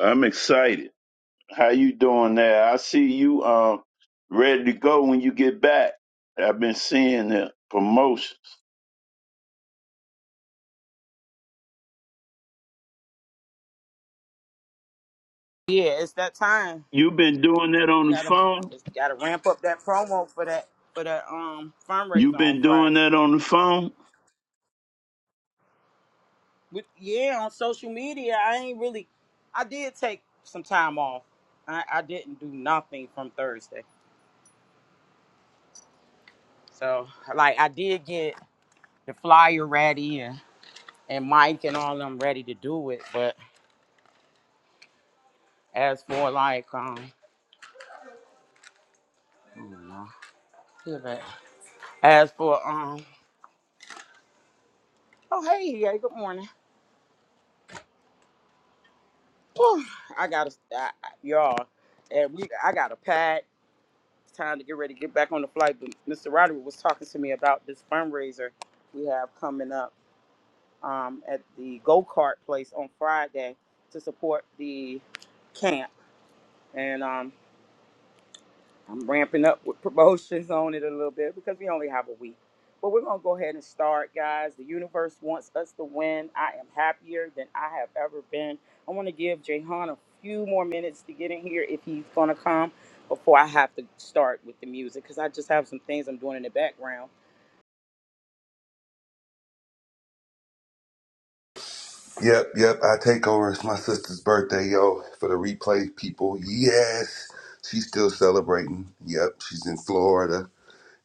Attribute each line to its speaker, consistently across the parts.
Speaker 1: I'm excited. How you doing there? I see you um ready to go when you get back. I've been seeing the promotions. you been doing that on the phone? you been doing that on the phone?
Speaker 2: Yep, yep. I take over. It's my sister's birthday, yo. For the replay people, yes, she's still celebrating. Yep, she's in Florida,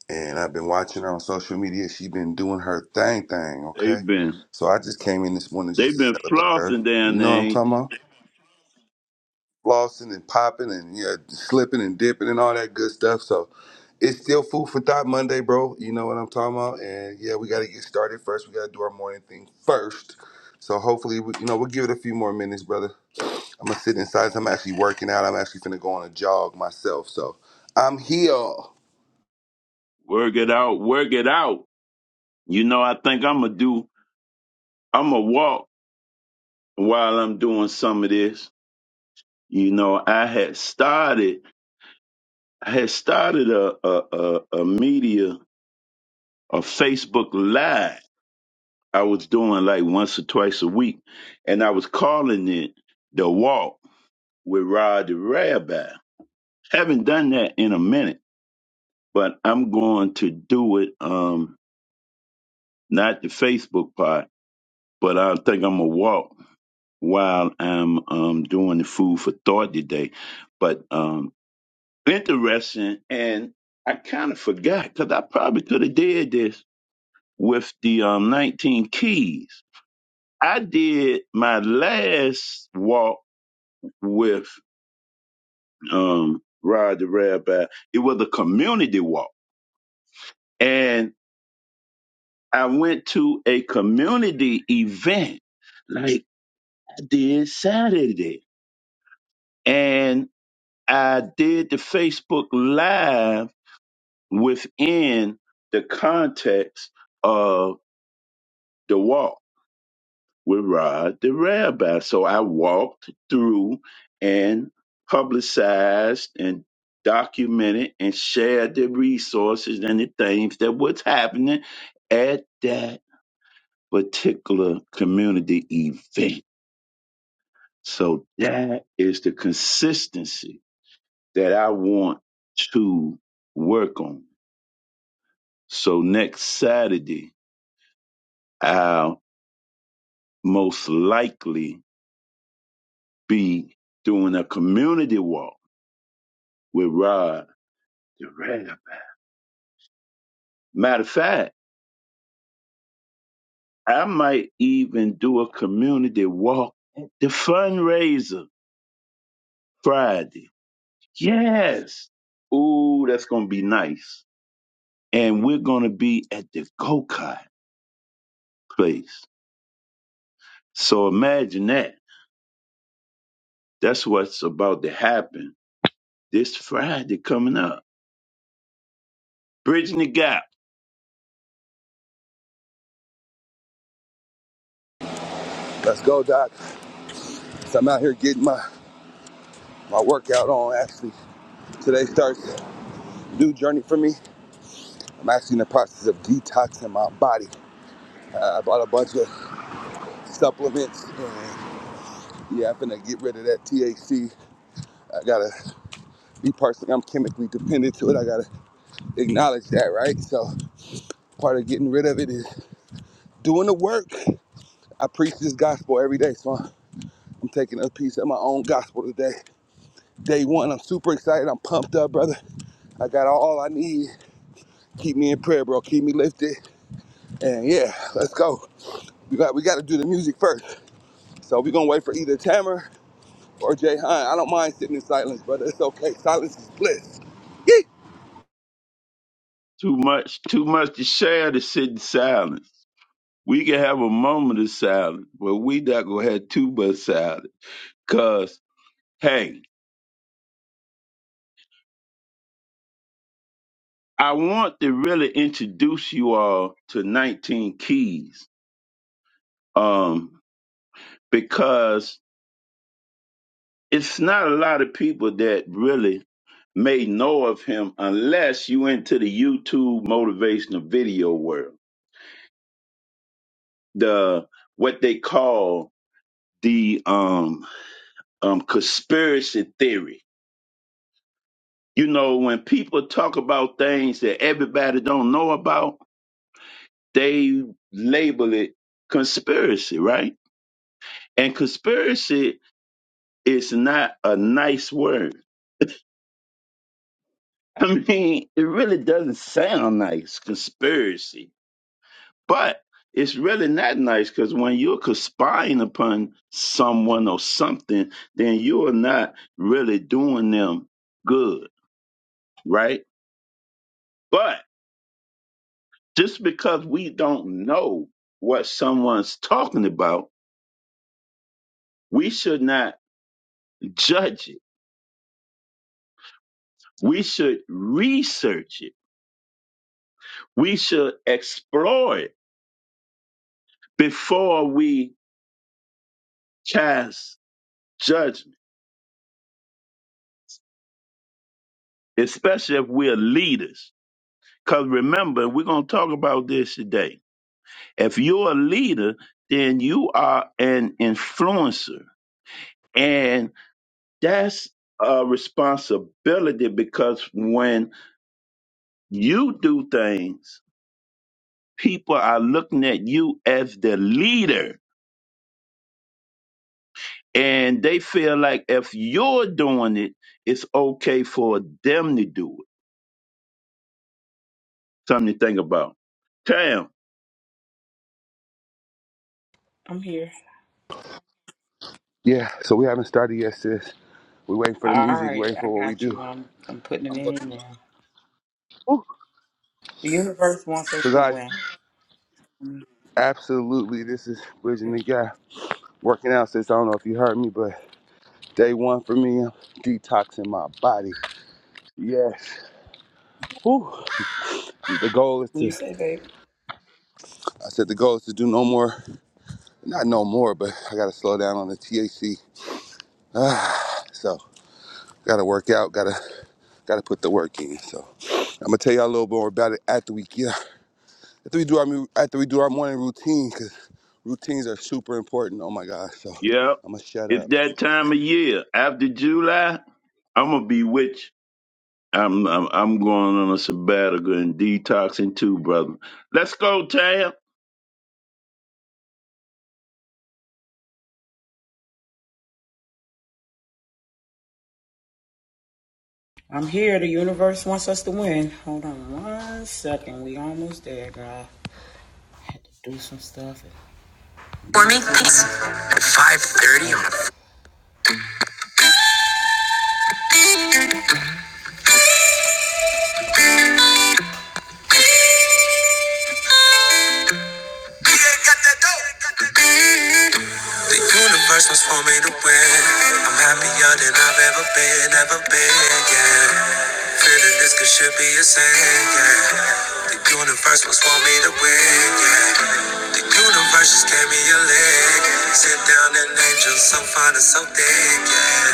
Speaker 2: and I've been watching her on social media. She's been doing her thing, thing. Okay,
Speaker 1: They've been
Speaker 2: so I just came in this morning just
Speaker 1: they've
Speaker 2: to
Speaker 1: been
Speaker 2: celebrate her.
Speaker 1: flossing
Speaker 2: You
Speaker 1: down there,
Speaker 2: know what I'm
Speaker 1: ain't
Speaker 2: talking
Speaker 1: they?
Speaker 2: about? flossing and popping and yeah, slipping and dipping and all that good stuff. So it's still food for thought Monday, bro. You know what I'm talking about. And yeah, we got to get started first. We got to do our morning thing first. So hopefully, we, you know, we'll give it a few more minutes, brother. I'm gonna sit inside. I'm actually working out. I'm actually gonna go on a jog myself. So I'm here.
Speaker 1: Work it out, work it out. You know, I think I'ma do I'ma walk while I'm doing some of this. You know, I had started I had started a a, a, a media a Facebook live I was doing like once or twice a week, and I was calling it the walk with Rod the Rabbi. Haven't done that in a minute, but I'm going to do it. Um, not the Facebook part, but I think I'm gonna walk while I'm um doing the food for thought today. But um, interesting, and I kind of forgot because I probably could have did this with the um 19 keys. I did my last walk with um, Rod the Rabbi. It was a community walk, and I went to a community event like I did Saturday, and I did the Facebook Live within the context of the walk with Rod the Rabbi. So I walked through and publicized and documented and shared the resources and the things that was happening at that particular community event. So that is the consistency that I want to work on. So next Saturday, I'll most likely be doing a community walk with Rod The rap. Matter of fact, I might even do a community walk at the fundraiser Friday. Yes. Ooh, that's gonna be nice. And we're gonna be at the go-kart place. So imagine that. That's what's about to happen this Friday coming up. Bridging the gap.
Speaker 2: Let's go, Doc. So I'm out here getting my my workout on. Actually, today starts a new journey for me. I'm actually in the process of detoxing my body. Uh, I bought a bunch of supplements and yeah, I'm gonna get rid of that THC. I gotta be personally, I'm chemically dependent to it. I gotta acknowledge that, right? So part of getting rid of it is doing the work. I preach this gospel every day, so I'm, I'm taking a piece of my own gospel today. Day one, I'm super excited. I'm pumped up, brother. I got all I need. Keep me in prayer, bro. Keep me lifted. And yeah, let's go. We got we got to do the music first. So we're gonna wait for either Tamer. or Jay I don't mind sitting in silence, brother. It's okay. Silence is bliss. Yeet.
Speaker 1: Too much, too much to share to sit in silence. We can have a moment of silence, but we not gonna have too much silence. Cause hey. I want to really introduce you all to 19 Keys um, because it's not a lot of people that really may know of him unless you into the YouTube motivational video world. The what they call the um, um, conspiracy theory. You know, when people talk about things that everybody don't know about, they label it conspiracy, right? And conspiracy It's not a nice word. I mean, it really doesn't sound nice, conspiracy, but it's really not nice because when you're conspiring upon someone or something, then you are not really doing them good, right? But just because we don't know what someone's talking about, we should not judge it. We should research it. We should explore it before we cast judgment, especially if we're leaders. Because remember, we're going to talk about this today. If you're a leader, then you are an influencer. And that's a responsibility because when you do things, people are looking at you as the leader. And they feel like if you're doing it, it's okay for them to do it. Something to think about. Cam.
Speaker 2: Yeah, so we haven't started yet, sis. We're waiting for the music, we're waiting for what we do. I'm working. Woo. So, guys, absolutely, this is Bridging the Gap. Working out, sis. I don't know if you heard me, but day one for me, I'm detoxing my body. Yes. Whew. The goal is to, I said the goal is to do no more, not no more, but I got to slow down on the THC. So Gotta work out. Gotta gotta put the work in. So I'm gonna tell y'all a little more about it after we get after we do our after we do our morning routine because routines are super important. Oh my gosh! So
Speaker 1: Yeah.
Speaker 2: I'm gonna shut
Speaker 1: It's
Speaker 2: up.
Speaker 1: that time of year. After July, I'm gonna be with you. I'm I'm, I'm going on a sabbatical and detoxing too, brother. Let's go, Tab.
Speaker 3: For me, thanks. At 5.30 on a... The universe was for me to win. I'm happier than I've ever been, ever been, yeah. Feeling this could should be a sin, yeah. The universe was for me to win, yeah. The universe just gave me a leg. Sit down and angel so fine and so thick, yeah.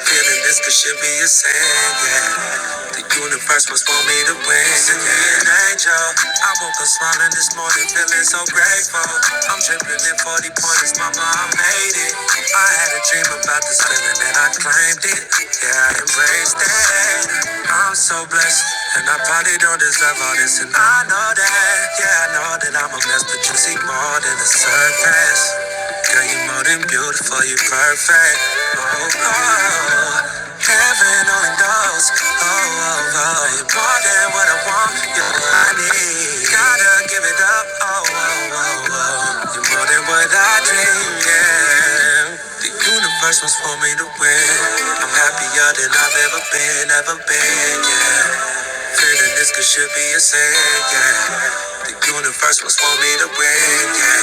Speaker 3: Feeling this could should be a sin, yeah. The universe was for me to win. Send me an angel. I woke up smiling this morning, feeling so grateful. I'm dripping in 40 pointers, mama, I made it. I had a dream about this feeling and I claimed it. Yeah, I embraced it. I'm so blessed, and I probably don't deserve all this. And I know that, yeah, I know that I'm a mess, but you see more than the surface. Girl, you're more than beautiful, you're perfect. Oh, oh, heaven only knows. Oh, oh, oh, you're more than what I want, you're what I need. Gotta give it up. Oh, oh, oh, oh, you're more than what I dream, yeah. The universe was for me to win. I'm happier than I've ever been, ever been, yeah. Feeling this could should be a sin, yeah. The universe was for me to win, yeah.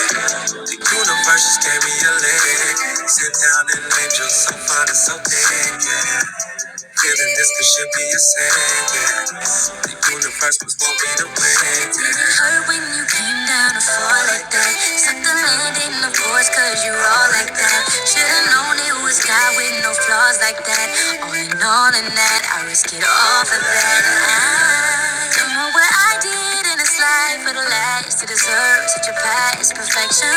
Speaker 3: The universe just gave me a leg. Sit down and angel so fine and so big, yeah. Feeling this could should be a saying, yeah. The universe was won't be the way, yeah. Did It hurt when you came down to fall like that. Set the landing, of course, cause you all like that. Should've known it was God with no flaws like that. All in all, in that, I risk it all for that. I don't know what I did fighted in this life for the last to deserve such a past perfection.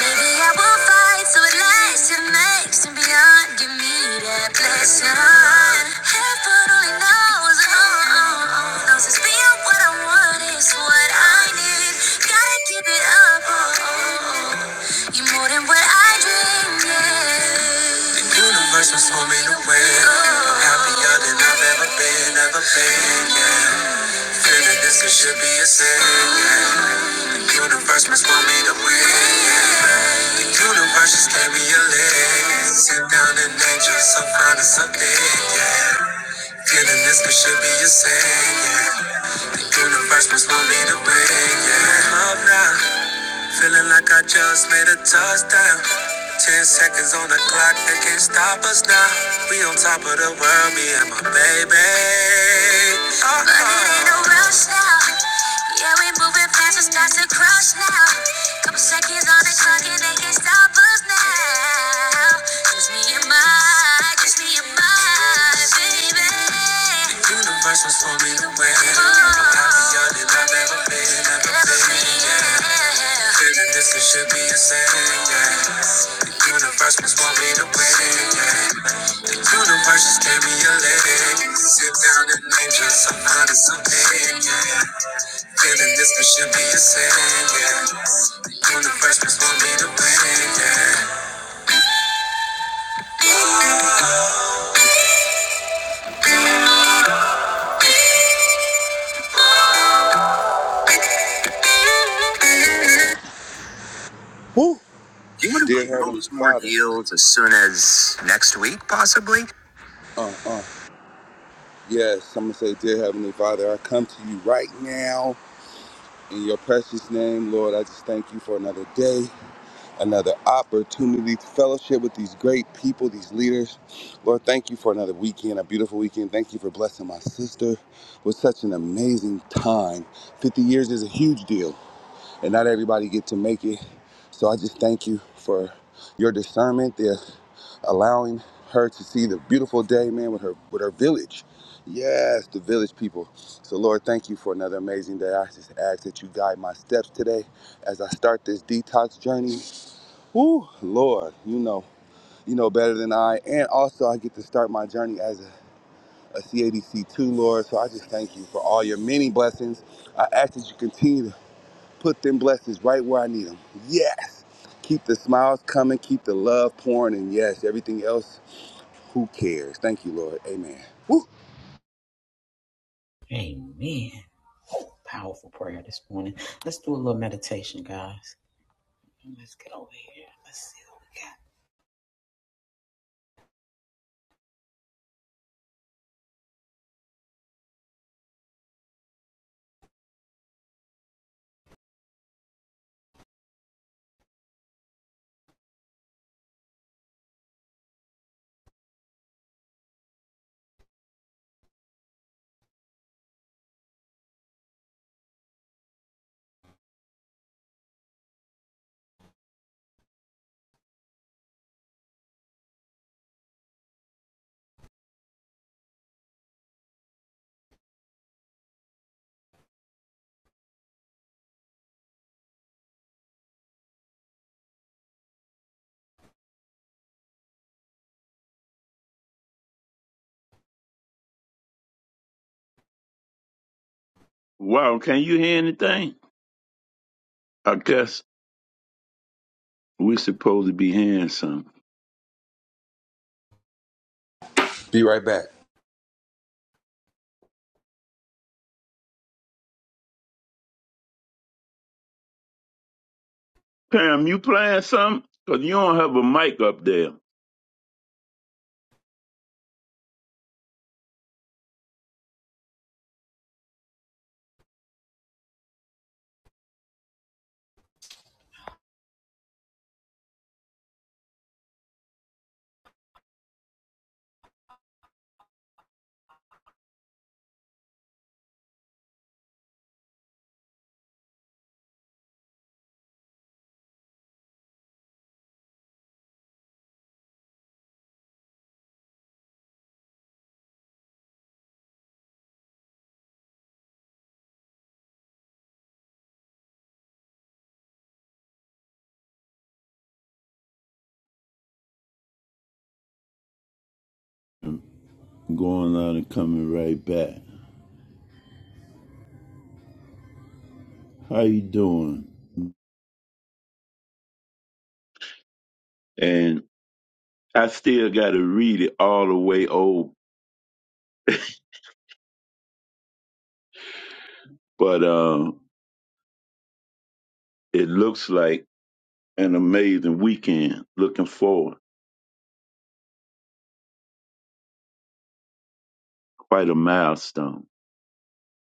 Speaker 3: Maybe I will fight so it lasts and makes and beyond. Give me that blessing. Heaven only knows, oh, oh, oh, knows it's being what I want is what I need. Gotta keep it up, oh, oh, oh. more than what I dreamed. Yeah. The universe was homing away. I'm happier than I've ever been, ever been. Yeah. Feeling this it should be a sin. yeah. Universe must want me to win. yeah. Universe just gave me a leg. Sit down and angel, so fine and so big. Yeah. Feeling this it should be a sin. yeah. Universe must want me to win. Yeah. Up now. Feeling like I just made a touchdown. Ten seconds on the clock, they can't stop us now. We on top of the world, me and my baby. Uh-oh. But it ain't no rush now. Yeah, we moving fast, it's not to crush now. Couple seconds on the clock, and they can't stop us now. Just me and my, just me and my baby. The universe was for me to win. I'm happier than I've ever been, ever been. Clearly this should be a sin, yeah. The universe must want me to win, yeah. The universe just gave me a leg. Sit down and name just some kind of something, yeah. Feeling this it should be a sin, yeah. The universe must want me to win, yeah.
Speaker 2: Woo! Dear Heavenly Father,
Speaker 3: The blink.
Speaker 2: uh uh, yes, I'm gonna say, Dear Heavenly Father, I come to you right now in your precious name, Lord. I just thank you for another day. another opportunity to fellowship with these great people, these leaders. Lord, thank you for another weekend, a beautiful weekend. Thank you for blessing my sister with such an amazing time. 50 years is a huge deal, and not everybody get to make it. So I just thank you for your discernment, the allowing her to see the beautiful day, man, with her with her village. Yes, the village people. So Lord, thank you for another amazing day. I just ask that you guide my steps today as I start this detox journey. Whew, Lord, you know, you know better than I. And also, I get to start my journey as a, CADC too, Lord. So I just thank you for all your many blessings. I ask that you continue to put them blessings right where I need them. Yes. Keep the smiles coming, keep the love pouring, and yes, everything else, who cares? Thank you, Lord. Amen. Woo.
Speaker 1: Wow, can you hear anything? I guess we supposed to be hearing something.
Speaker 2: Be right back.
Speaker 1: Pam, you playing something? Cause you don't have a mic up there. Going out and coming right back. How you doing? And I still gotta read it all the way old, but uh, it looks like an amazing weekend. Looking forward. Quite a milestone.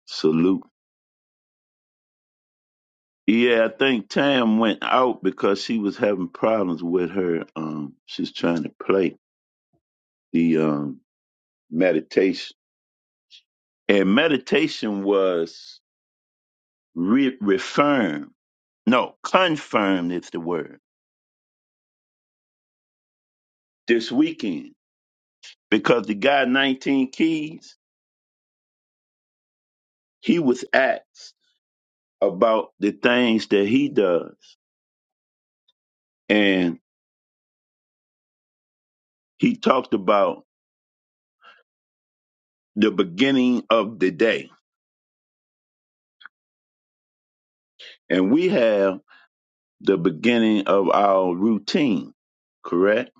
Speaker 1: Salute. Yeah, I think Tam went out because she was having problems with her. Um, she's trying to play the um meditation, and meditation was re- reaffirmed. No, confirmed is the word this weekend because the guy 19 Keys he was asked about the things that he does, and he talked about the beginning of the day, and we have. the beginning of our routine, correct?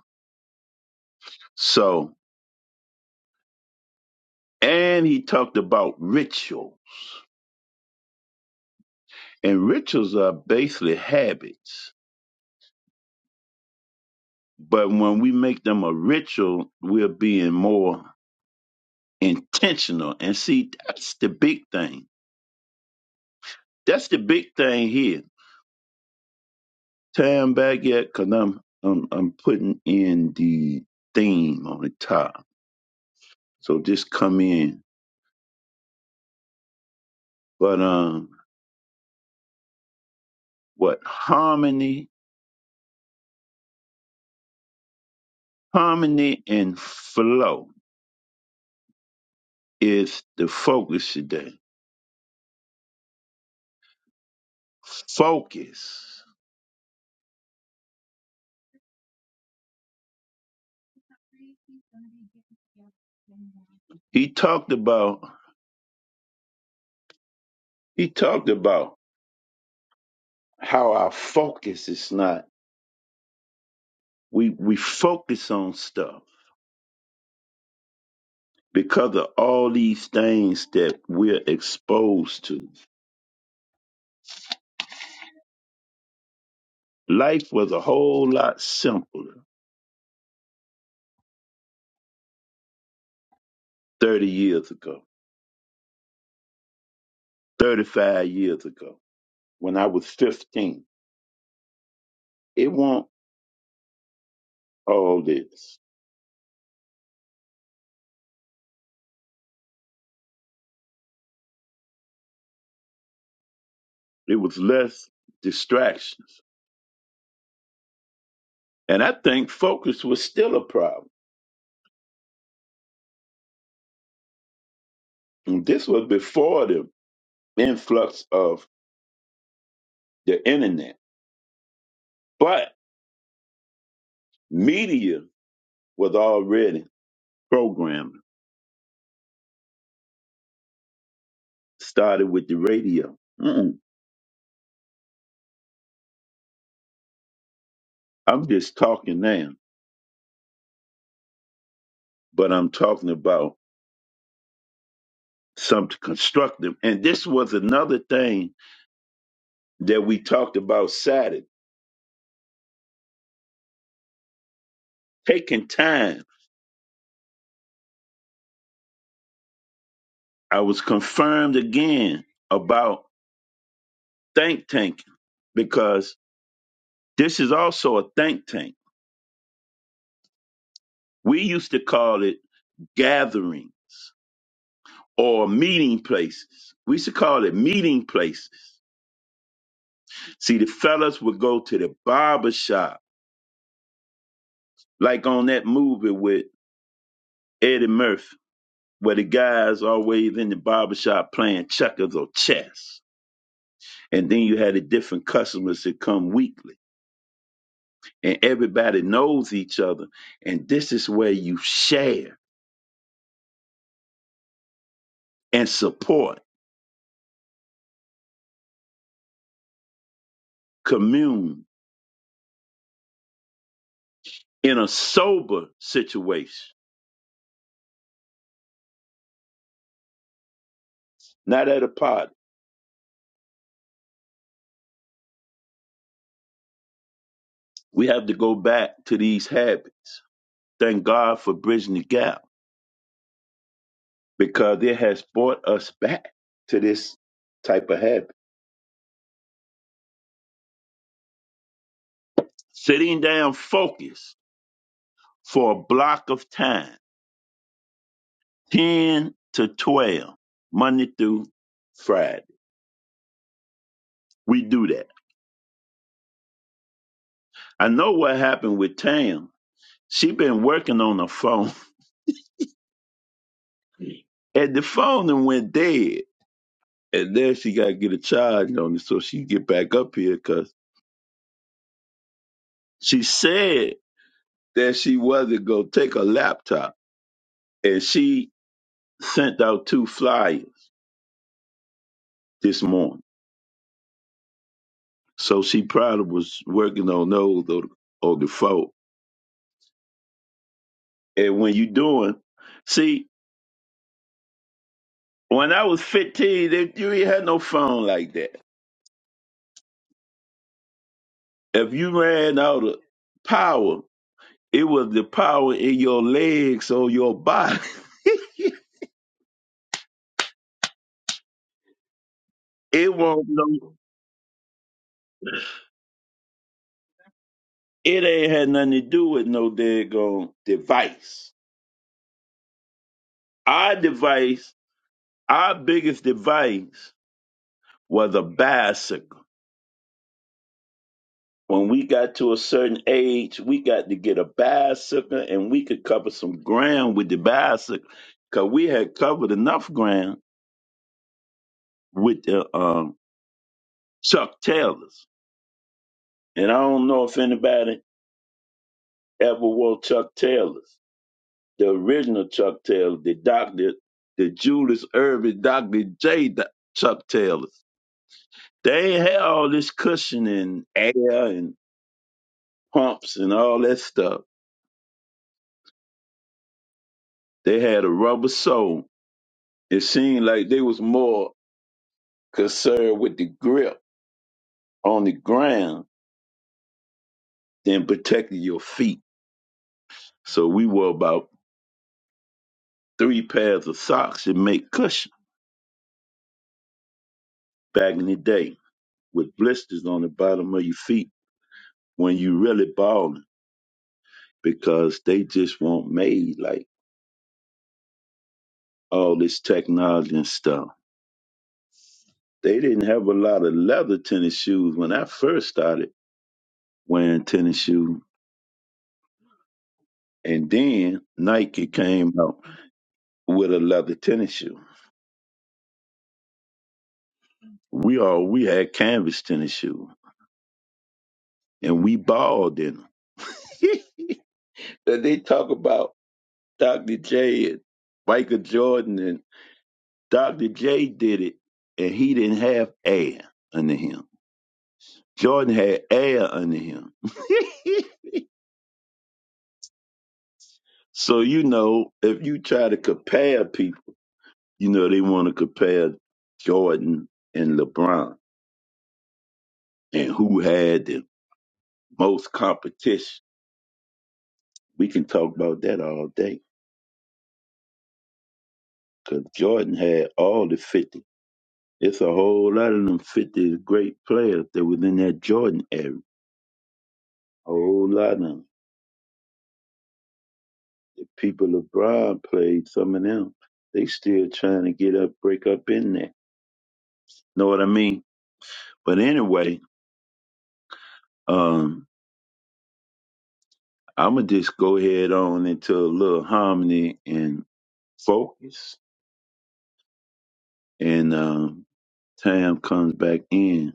Speaker 1: So, and he talked about ritual, and rituals are basically habits. But when we make them a ritual, we're being more intentional. And see, that's the big thing. That's the big thing here. Time back yet, because I'm, I'm, I'm putting in the theme on the top. So just come in. But um, what harmony Harmony and flow is the focus today. Focus. He talked about he talked about how our focus is not we we focus on stuff because of all these things that we're exposed to. Life was a whole lot simpler 30 years ago, 35 years ago, when I was 15. It wasn't all this. It was less distractions And I think focus was still a problem. And this was before the influx of the internet. But media was already programmed, started with the radio. Mm-mm. I'm just talking now, but I'm talking about something constructive. And this was another thing that we talked about Saturday, taking time. I was confirmed again about think tanking because this is also a think tank We used to call it gatherings or meeting places. We used to call it meeting places. See, the fellas would go to the barber shop, like on that movie with Eddie Murphy, where the guys always in the barber shop playing checkers or chess. And then you had the different customers that come weekly, and everybody knows each other. And this is where you share and support, commune in a sober situation, not at a party. We have to go back to these habits. Thank God for bridging the gap because it has brought us back to this type of habit. Sitting down focused for a block of time, 10 to 12, Monday through Friday. We do that. I know what happened with Tam. She been working on the phone and the phone then went dead. And then she got to get a charge on it so she get back up here because she said that she wasn't going to take a laptop. And she sent out two flyers this morning. So she probably was working on those or, or the phone. And when you doing, see, when I was 15, they, you ain't had no phone like that. If you ran out of power, it was the power in your legs or your body. It won't no, it ain't had nothing to do with no daggone device. Our device, our biggest device was a bicycle. When we got to a certain age, we got to get a bicycle and we could cover some ground with the bicycle because we had covered enough ground with the um, Chuck Taylors. And I don't know if anybody ever wore Chuck Taylors, the original Chuck Taylor, the doctor, the Julius Irving, Dr. J. Do- Chuck Taylors. They ain't had all this cushion and air and pumps and all that stuff. They had a rubber sole It seemed like they was more concerned with the grip on the ground than protecting your feet. So we wore about three pairs of socks that make cushion back in the day with blisters on the bottom of your feet when you really balling because they just weren't made like all this technology and stuff. They didn't have a lot of leather tennis shoes when I first started wearing tennis shoes. And then Nike came out with a leather tennis shoe. We all we had canvas tennis shoes, and we balled in them. that they talk about Dr. J and Michael Jordan, and Dr. J did it, and he didn't have air under him. Jordan had air under him. so you know, if you try to compare people, you know they want to compare Jordan and LeBron and who had the most competition. We can talk about that all day because Jordan had all the 50 It's a whole lot of them 50 great players that was in that Jordan era. A whole lot of them. The people LeBron played, some of them, they still trying to get up, break up in there. Know what I mean? But anyway, um, I'm going to just go ahead on into a little harmony and focus. And um, Tam comes back in.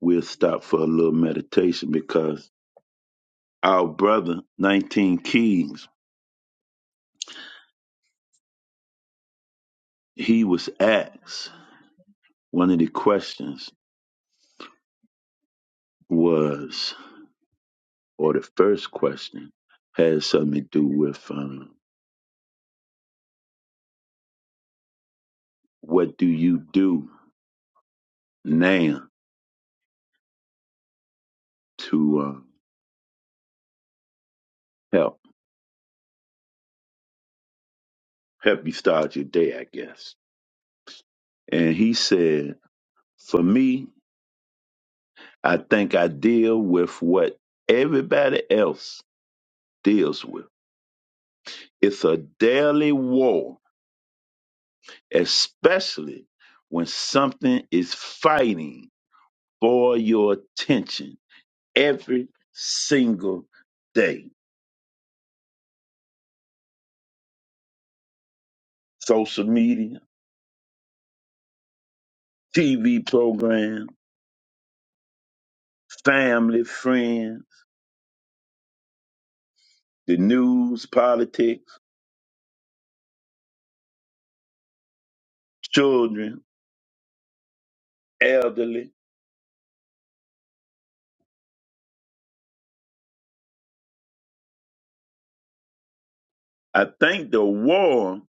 Speaker 1: We'll stop for a little meditation because our brother, 19 Keys, he was asked. One of the questions was, or the first question, had something to do with um, what do you do now to um help help you start your day, I guess. And he said, for me, I think I deal with what everybody else deals with. It's a daily war, especially when something is fighting for your attention every single day. Social media, TV program, family, friends, the news, politics, children, elderly. I think the war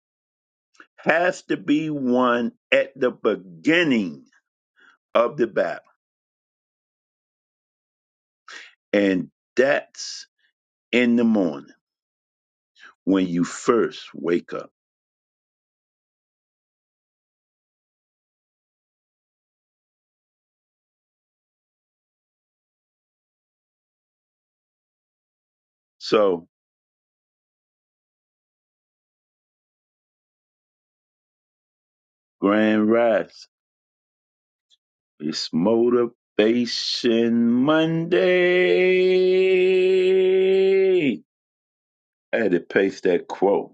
Speaker 1: has to be won at the beginning of the battle. And that's in the morning when you first wake up. So, Grand Rise. It's Motivation Monday. I had to paste that quote.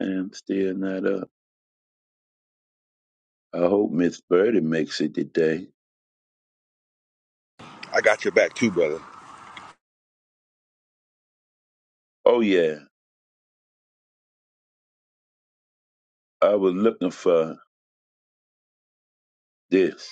Speaker 1: I'm still not up. I hope Miss Birdie makes it today.
Speaker 2: I got your back too, brother.
Speaker 1: Oh yeah, I was looking for this.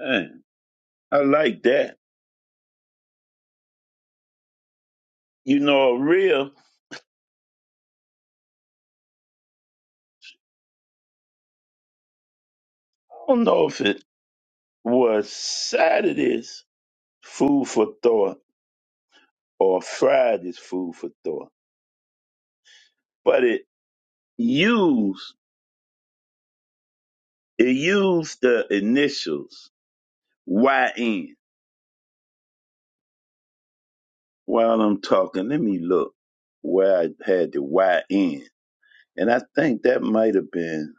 Speaker 1: Man, I like that. You know, a real. I don't know if it was Saturday's food for thought or Friday's food for thought, but it used it used the initials YN. While I'm talking, let me look where I had the YN. And I think that might have been,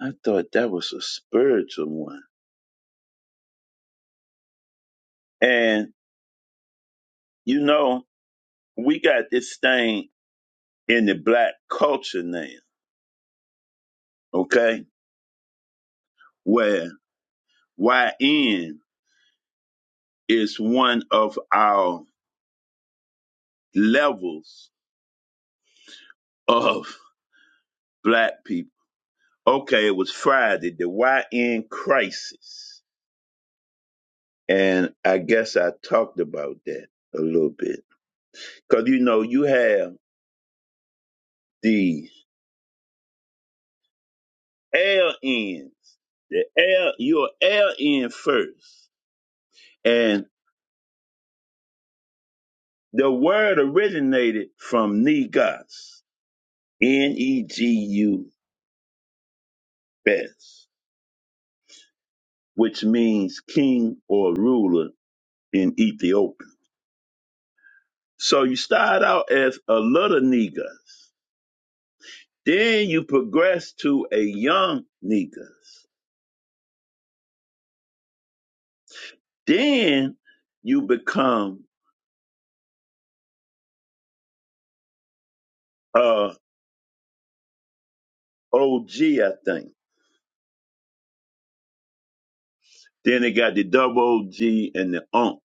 Speaker 1: I thought that was a spiritual one. And, you know, we got this thing in the black culture now, okay, where YN is one of our levels of black people. Okay, it was Friday, the YN crisis. And I guess I talked about that a little bit. Because, you know, you have the LNs, the L, you're LN first. And the word originated from Negus, N E G U S, which means king or ruler in Ethiopia. So you start out as a little Negus, then you progress to a young Negus Then you become uh OG, I think. Then they got the double OG and the ump.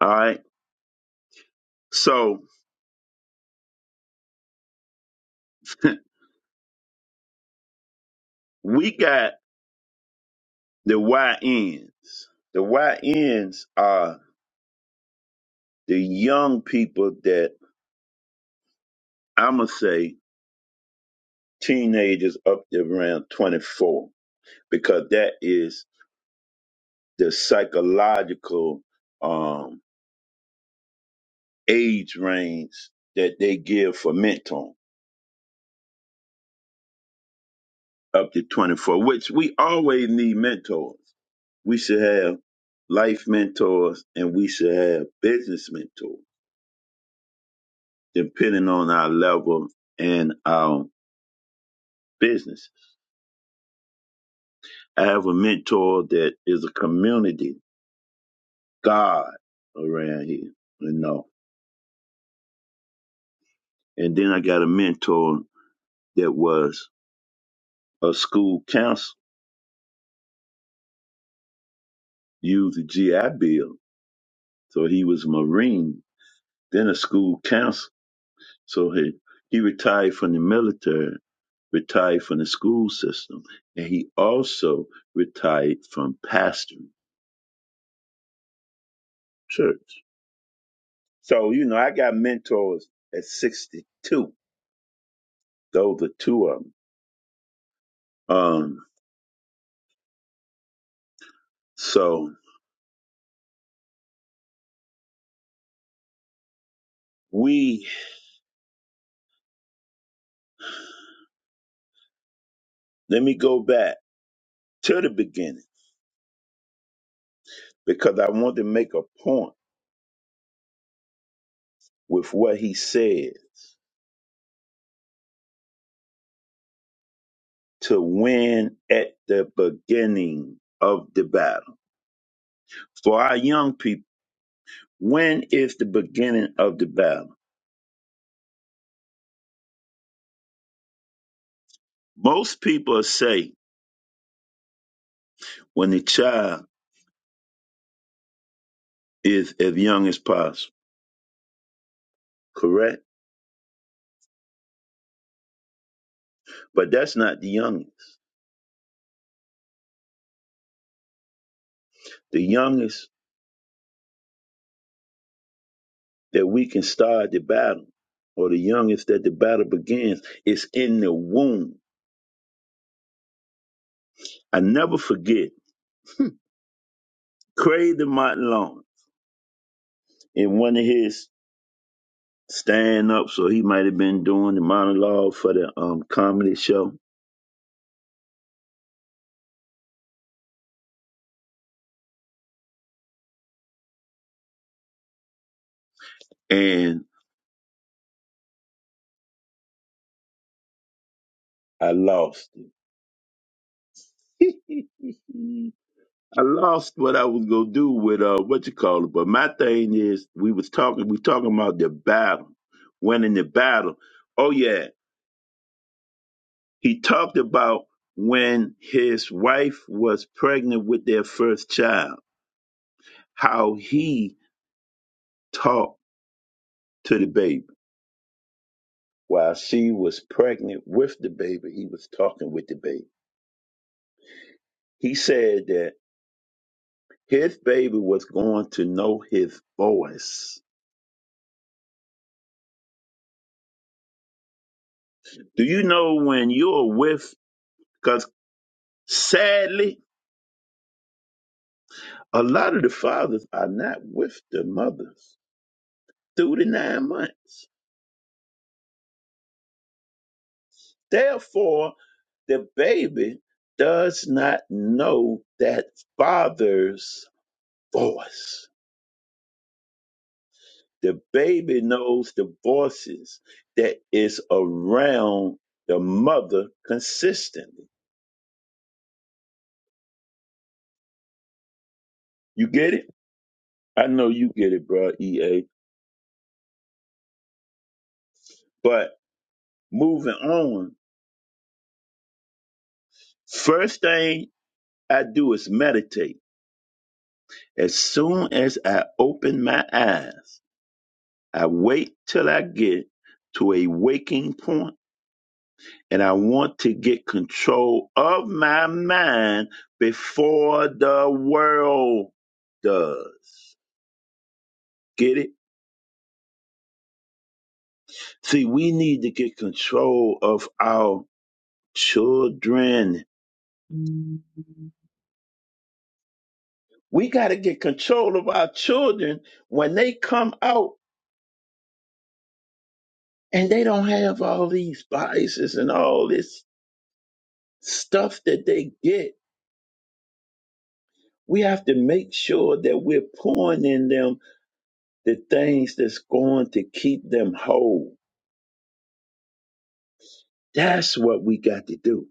Speaker 1: All right. So we got the YNs. The YNs are the young people that I'ma say teenagers up to around 24, because that is the psychological um, age range that they give for mentoring. up to 24, which we always need mentors. We should have life mentors and we should have business mentors, depending on our level and our business. I have a mentor that is a community god around here, you know. And then I got a mentor that was a school counselor, used the GI Bill. So he was a Marine, then a school counselor. So he, he retired from the military retired from the school system, and he also retired from pastoring church. So you know, I got mentors at 62. Those are two of them. Um, so we let me go back to the beginning because I want to make a point with what he says to win at the beginning of the battle. For our young people, when is the beginning of the battle? Most people say when the child is as young as possible, correct? But that's not the youngest. The youngest that we can start the battle, or the youngest that the battle begins, is in the womb. I never forget Craig Martin Long in one of his stand ups, or he might have been doing the monologue for the um, comedy show, and I lost it. I lost what I was gonna do with uh what you call it, but my thing is we was talking we talking about the battle, winning the battle. Oh yeah, he talked about when his wife was pregnant with their first child, how he talked to the baby while she was pregnant with the baby. He was talking with the baby. He said that his baby was going to know his voice. Do you know when you're with? Because sadly A lot of the fathers are not with the mothers through the nine months. Therefore, the baby does not know that father's voice. The baby knows the voices that is around the mother consistently. You get it? I know you get it, bro, EA. But moving on, first thing I do is meditate. As soon as I open my eyes, I wait till I get to a waking point and I want to get control of my mind before the world does. Get it? See, we need to get control of our children. We got to get control of our children when they come out and they don't have all these biases and all this stuff that they get. We have to make sure that we're pouring in them the things that's going to keep them whole. That's what we got to do.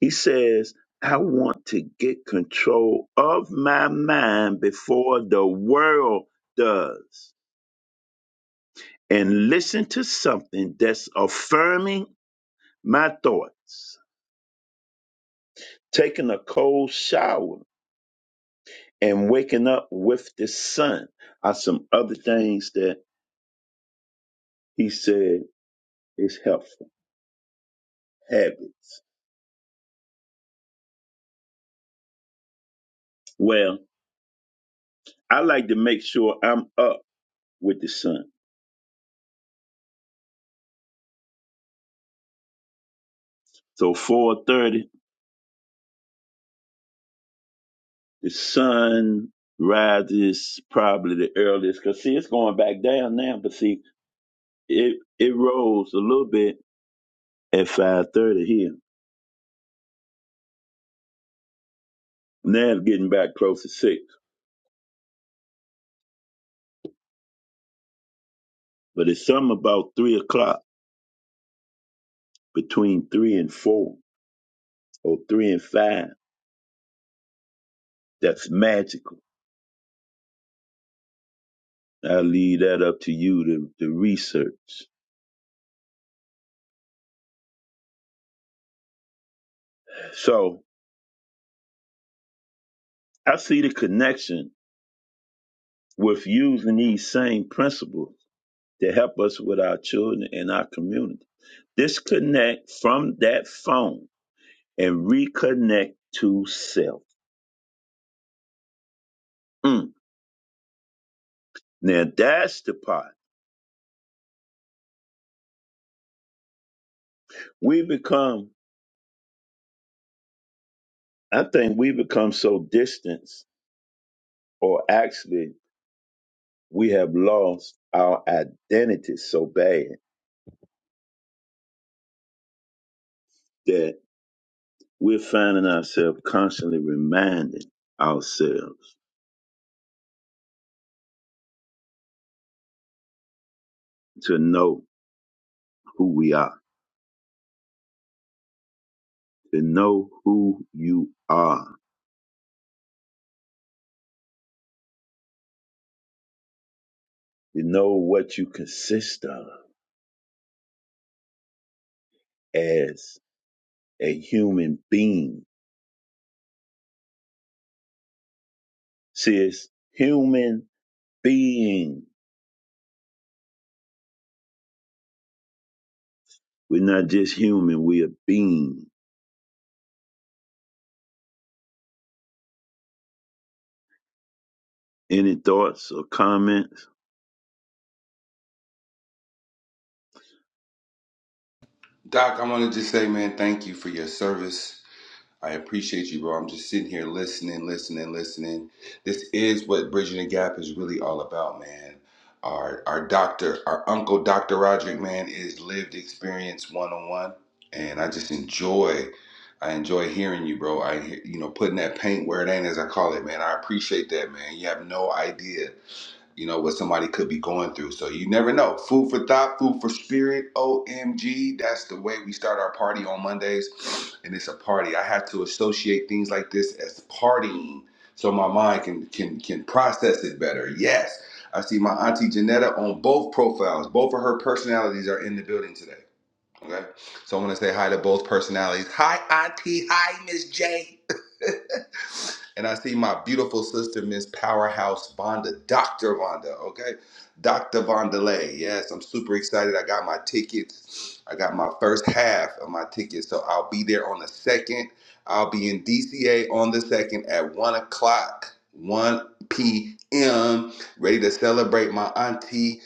Speaker 1: He says, I want to get control of my mind before the world does. And listen to something that's affirming my thoughts. Taking a cold shower and waking up with the sun are some other things that he said is helpful habits. Well, I like to make sure I'm up with the sun. So 4:30, the sun rises probably the earliest. Cause see, it's going back down now, but see, it it rose a little bit at 5:30 here. Now it's getting back close to six, but it's something about three o'clock between three and four or three and five that's magical. I leave that up to you to, to research. So I see the connection with using these same principles to help us with our children and our community. disconnect from that phone and reconnect to self. Mm. Now that's the part. We become, I think we become so distant, or actually, we have lost our identity so bad that we're finding ourselves constantly reminding ourselves to know who we are, to know who you are, to know what you consist of as a human being See, it's human being. We're not just human, we are being. Any thoughts or comments?
Speaker 2: Doc, I want to just say, man, thank you for your service. I appreciate you, bro. I'm just sitting here listening, listening, listening. This is what Bridging the Gap is really all about, man. Our our doctor, our uncle, Dr. Roderick, man, is lived experience one on one, and I just enjoy. I enjoy hearing you, bro. I, hear- you know, putting that paint where it ain't, as I call it, man. I appreciate that, man. You have no idea you know what somebody could be going through. So you never know. Food for thought, food for spirit. OMG, that's the way we start our party on Mondays, and it's a party. I have to associate things like this as partying, so my mind can can can process it better. Yes, I see my auntie Janetta on both profiles. Both of her personalities are in the building today. Okay. So I want to say hi to both personalities. Hi, Auntie. Hi, Miss J. and I see my beautiful sister, Miss Powerhouse Vonda, Dr. Vonda. Okay. Dr. Vondelay. Yes, I'm super excited. I got my tickets. I got my first half of my tickets. So I'll be there on the second. I'll be in DCA on the second at one o'clock, 1 p.m., ready to celebrate my auntie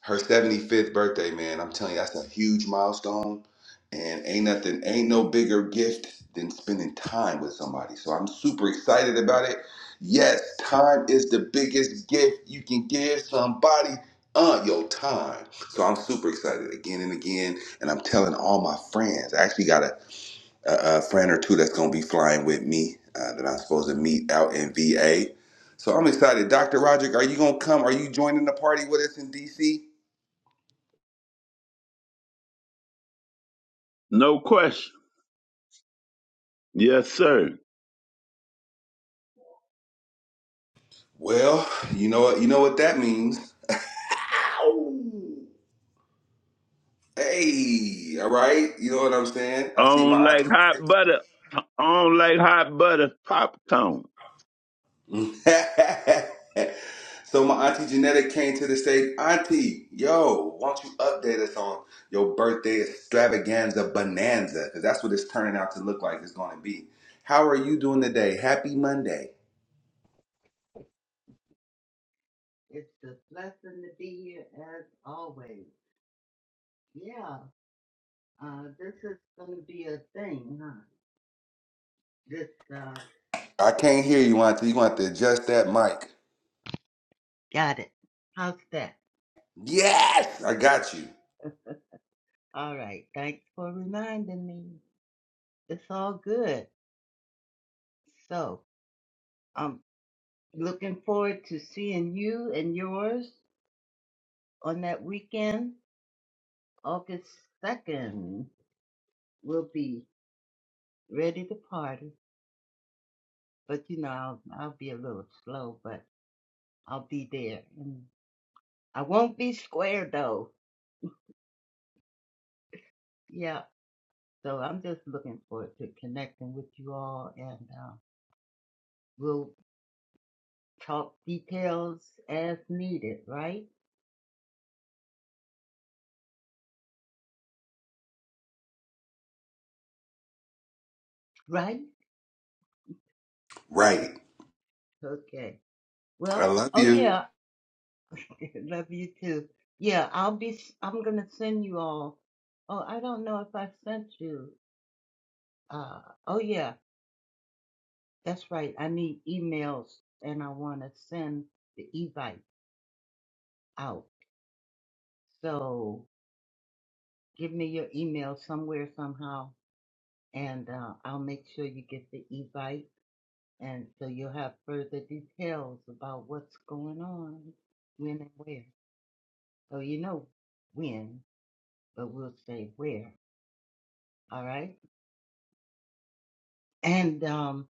Speaker 2: her 75th birthday, man. I'm telling you, that's a huge milestone. And ain't nothing, ain't no bigger gift than spending time with somebody. So I'm super excited about it. Yes, time is the biggest gift you can give somebody. Uh, your time. So I'm super excited again and again, and I'm telling all my friends. I actually got a, a, a friend or two that's gonna be flying with me uh, that I'm supposed to meet out in VA. So I'm excited. Dr. Roderick, are you gonna come? Are you joining the party with us in DC?
Speaker 1: No question. Yes, sir.
Speaker 2: Well, you know what you know what that means. Ow. Hey, all right. You know what I'm saying?
Speaker 1: I
Speaker 2: I see
Speaker 1: don't
Speaker 2: my
Speaker 1: like hot butter. I don't like hot butter popcorn.
Speaker 2: auntie. so my auntie Genetic came to the stage. Auntie, yo, why don't you update us on your birthday extravaganza bonanza? Because that's what it's turning out to look like it's going to be. How are you doing today? Happy Monday.
Speaker 4: It's a blessing to be here as always. Yeah, uh, this is going to be a thing, huh? This, uh,
Speaker 2: I can't hear you, auntie. You want to adjust that mic.
Speaker 4: got it. How's that?
Speaker 2: Yes, I got you.
Speaker 4: All right, thanks for reminding me. It's all good. So, I'm looking forward to seeing you and yours on that weekend, August 2nd. We'll be ready to party, but you know, I'll, I'll be a little slow, but I'll be there. And I won't be square though. Yeah, so I'm just looking forward to connecting with you all, and uh, we'll talk details as needed, right? Right?
Speaker 2: Right.
Speaker 4: Okay.
Speaker 2: I
Speaker 4: Well,
Speaker 2: love
Speaker 4: oh
Speaker 2: you.
Speaker 4: yeah, love you too. Yeah, I'll be. s- I'm gonna send you all. Oh, I don't know if I sent you. Uh, oh yeah, that's right. I need emails, and I want to send the e-bike out. So give me your email somewhere somehow. and uh, I'll make sure you get the e-bike, and so you'll have further details about what's going on, when and where. So you know when, but we'll say where. All right, and um,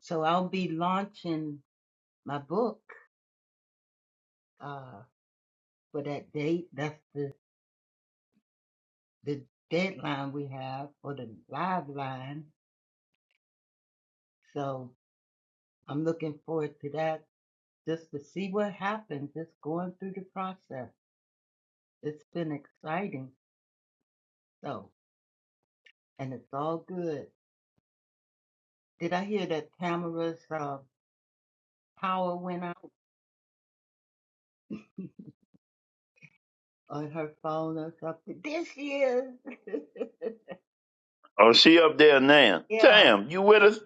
Speaker 4: so I'll be launching my book uh, for that date. That's the the deadline we have for the live line. So I'm looking forward to that. Just to see what happens, just going through the process. It's been exciting. so. and it's all good. Did I hear that Tamara's uh, power went out on her phone or something? This is.
Speaker 1: Oh, she up there now.
Speaker 4: yeah,
Speaker 1: Tam, you with us?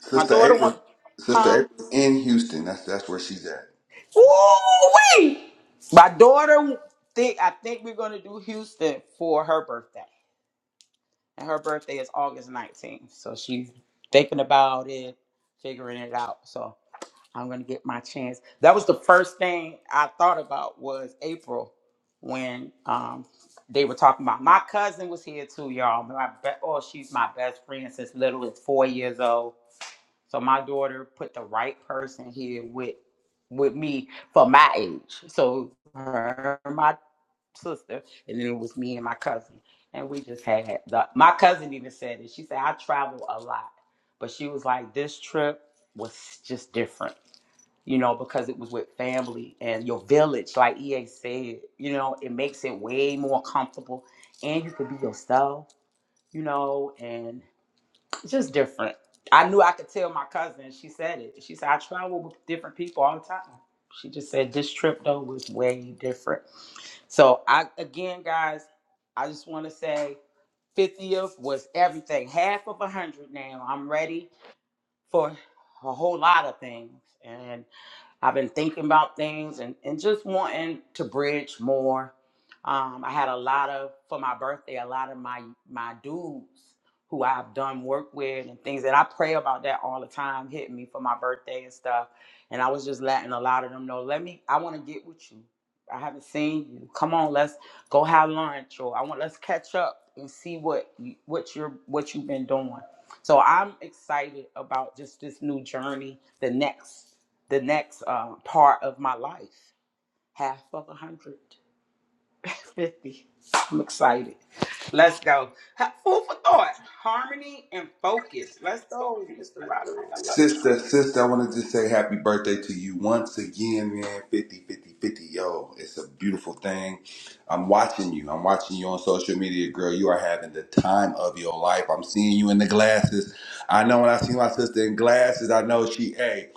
Speaker 2: Sister April, Sister April in Houston. That's that's where she's at. Sister, sister, I wanted to say happy birthday to you once again, man. 50, 50, 50, Yo, it's a beautiful thing. I'm watching you. I'm watching you on social media, girl. You are having the time of your life. I'm seeing you in the glasses. I know when I see my sister in glasses, I know she, hey,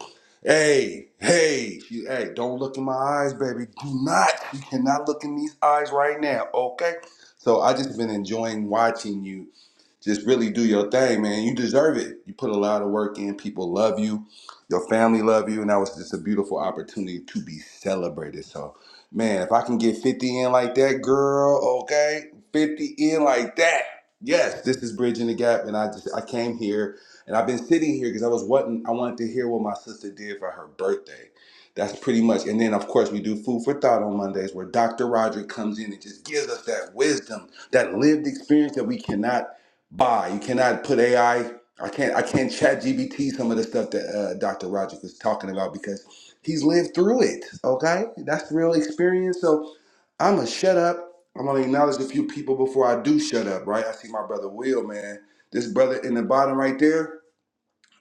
Speaker 2: hey, hey, she, hey, don't look in my eyes, baby. Do not. You cannot look in these eyes right now, okay? So I just been enjoying watching you Just really do your thing, man. You deserve it. You put a lot of work in. People love you. Your family love you. And that was just a beautiful opportunity to be celebrated. So, man, if I can get 50 in like that, girl, okay? 50 in like that. Yes, this is Bridging the Gap. And I just, I came here and I've been sitting here because I was wanting, I wanted to hear what my sister did for her birthday. That's pretty much. And then, of course, we do Food for Thought on Mondays where Dr. Roderick comes in and just gives us that wisdom, that lived experience that we cannot Bye. You cannot put AI. I I can't. I can't chat GBT some of the stuff that uh, Dr. Roderick is talking about because he's lived through it. Okay, that's real experience. So I'm gonna shut up. I'm gonna acknowledge a few people before I do shut up. Right? I see my brother Will, man. This brother in the bottom right there.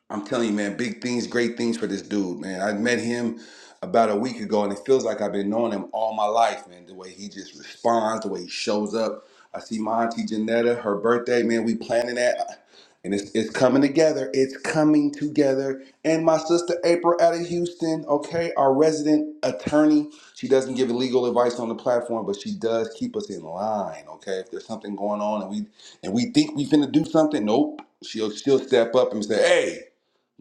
Speaker 2: I'm telling you, man, big things, great things for this dude, man. I met him about a week ago, and it feels like I've been knowing him all my life, man. The way he just responds, the way he shows up. I see my auntie Janetta, her birthday, man. We planning that, and it's it's coming together. It's coming together. And my sister April out of Houston, okay, our resident attorney. She doesn't give legal advice on the platform, but she does keep us in line, okay. If there's something going on and we and we think we finna do something, nope. She'll she'll step up and say, hey.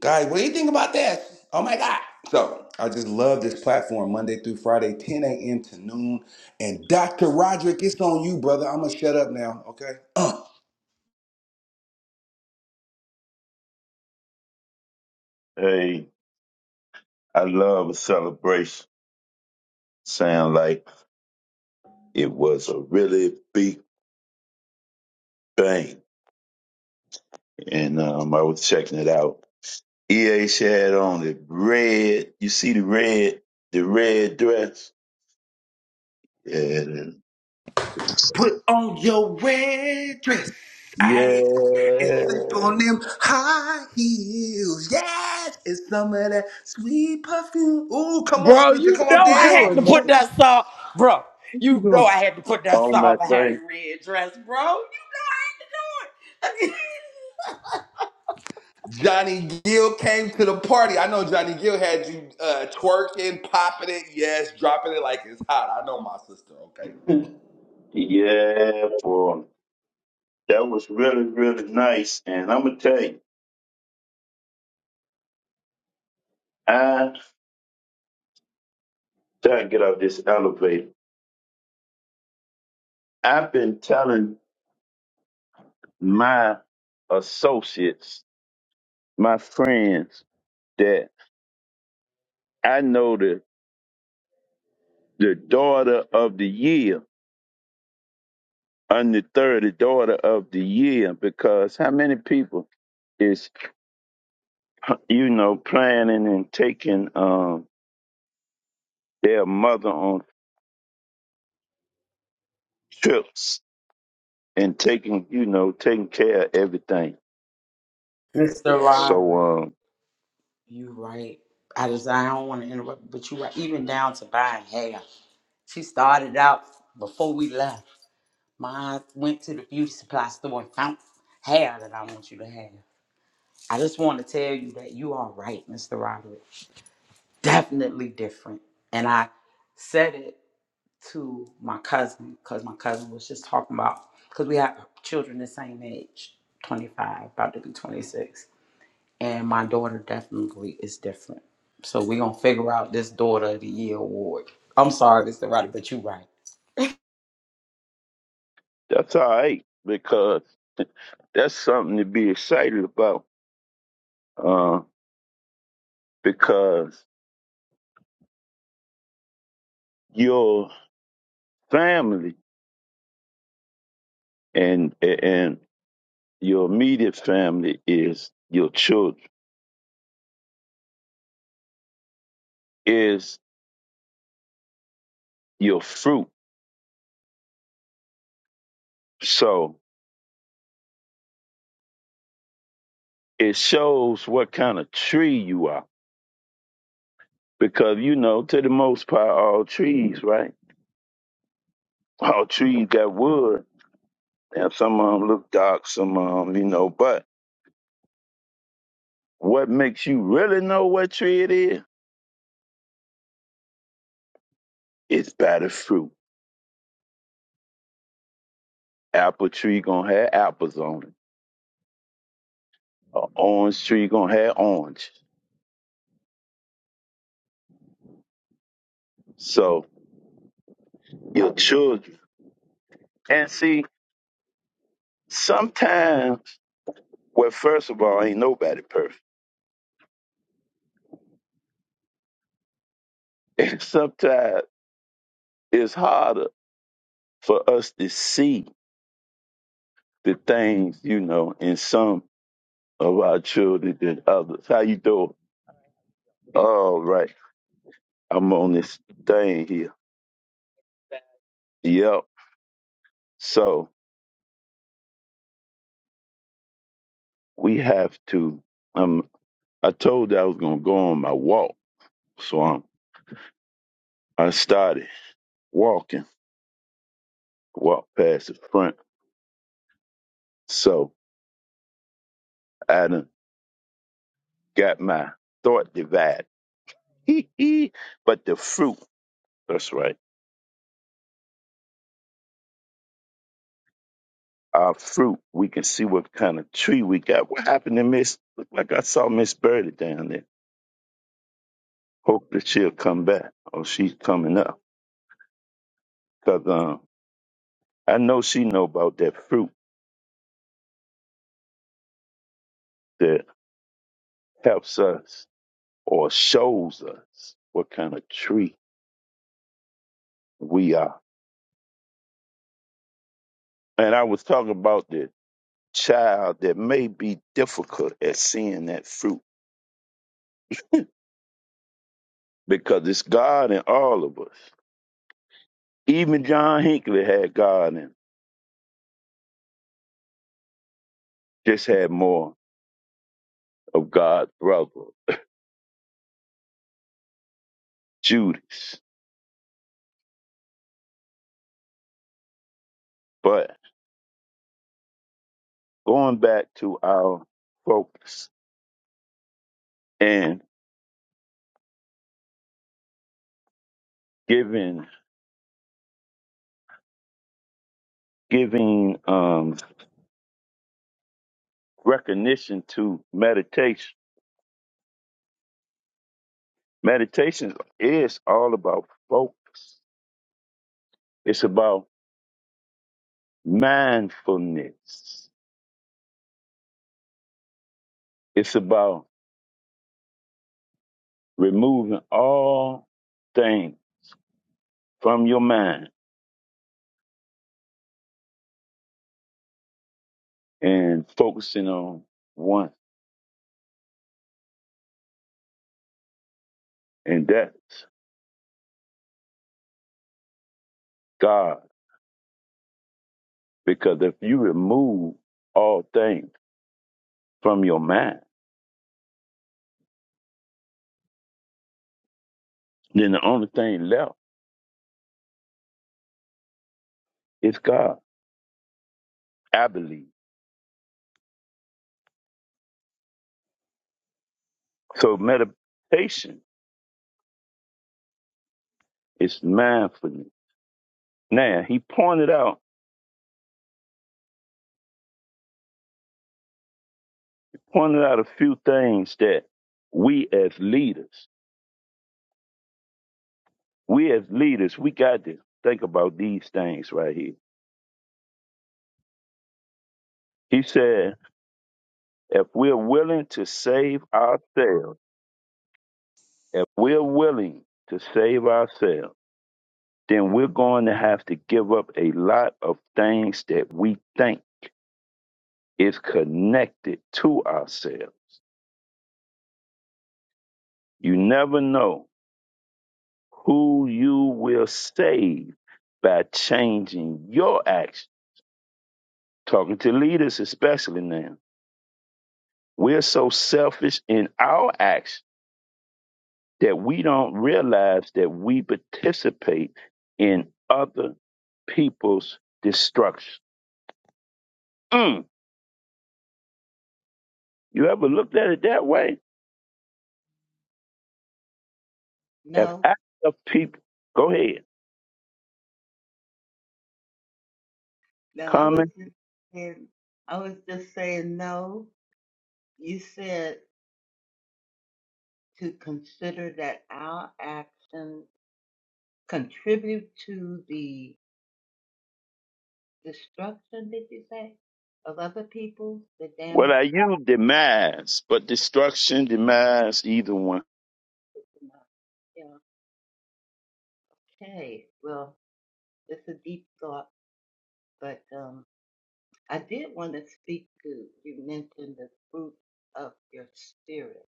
Speaker 2: Guys, what do you think about this? Oh my God. So I just love this platform Monday through Friday, 10 a.m. to noon. And Dr. Roderick, it's on you, brother. I'm going to shut up now, okay? Uh,
Speaker 1: Hey, I love a celebration. Sound like it was a really big bang. And um, I was checking it out EH had on the red. You see the red, the red dress. Yeah, then-
Speaker 2: put on your red dress.
Speaker 1: yeah.
Speaker 2: I and slip on them high heels. Yes, it's some of that sweet perfume. Ooh, come on, sister. Come on, dance with
Speaker 1: Oh my thing.
Speaker 2: Johnny Gill came to the party. I know Johnny Gill had you uh, twerking, popping it, yes, dropping it like it's hot. I know my sister, Okay.
Speaker 1: Yeah, boy, that was really, really nice. And I'm gonna tell you, I try to get out this elevator. I've been telling my associates, my friends, that I know the the daughter of the year on the daughter of the year because how many people is you know planning and taking um their mother on trips and taking you know taking care of everything so um that's all right because that's something to be excited about uh because your family and and your immediate family is your children is your fruit so it shows what kind of tree you are. Because you know, to the most part, all trees, right? All trees got wood. Now some of them look dark, some of them, you know. But what makes you really know what tree it is? It's by the fruit. Apple tree gonna have apples on it. An orange tree gonna have orange. So your children. And see, sometimes, well, first of all, ain't nobody perfect. Sometimes it's harder for us to see the things you know in some of our children than others. How you doing? All right, I'm on this thing here. Yep. So we have to. Um, I told you I was gonna go on my walk, so I'm, I started walking. Walked past the front, so I done got my thought divided. but the fruit, that's right. Our fruit, we can see what kind of tree we got. What happened to Miss? Look like I saw Miss Birdie down there Hope that she'll come back or she's coming up. Cause um, I know she know about that fruit that helps us or shows us what kind of tree we are. And I was talking about the child that may be difficult at seeing that fruit because it's God in all of us. Even John Hinckley had God in him, just had more of God's brother, Judas. But going back to our focus and giving giving um, recognition to meditation. Meditation is all about focus. It's about mindfulness. It's about removing all things from your mind and focusing on one, and that's God. Because if you remove all things from your mind, then the only thing left is God, I believe. So meditation is mindfulness Now he pointed out pointed out a few things that we as leaders, we as leaders, we got to think about these things right here. He said, if we're willing to save ourselves, if we're willing to save ourselves, then we're going to have to give up a lot of things that we think is connected to ourselves. You never know who you will save by changing your actions talking to leaders especially now. We're so selfish in our acts that we don't realize that we participate in other people's destruction. Mm. You ever looked at it that way? If
Speaker 4: no,
Speaker 1: acts of people, go ahead,
Speaker 4: no. I was
Speaker 1: comment.
Speaker 4: just saying, I was just saying no. You said to consider that our actions contribute to the destruction. Did you say of other people, the
Speaker 1: Well,
Speaker 4: damage?
Speaker 1: I use demise, but destruction, demise, either one.
Speaker 4: Yeah. Okay. Well, it's a deep thought, but um. I did want to speak to you mentioned the fruit of your spirit.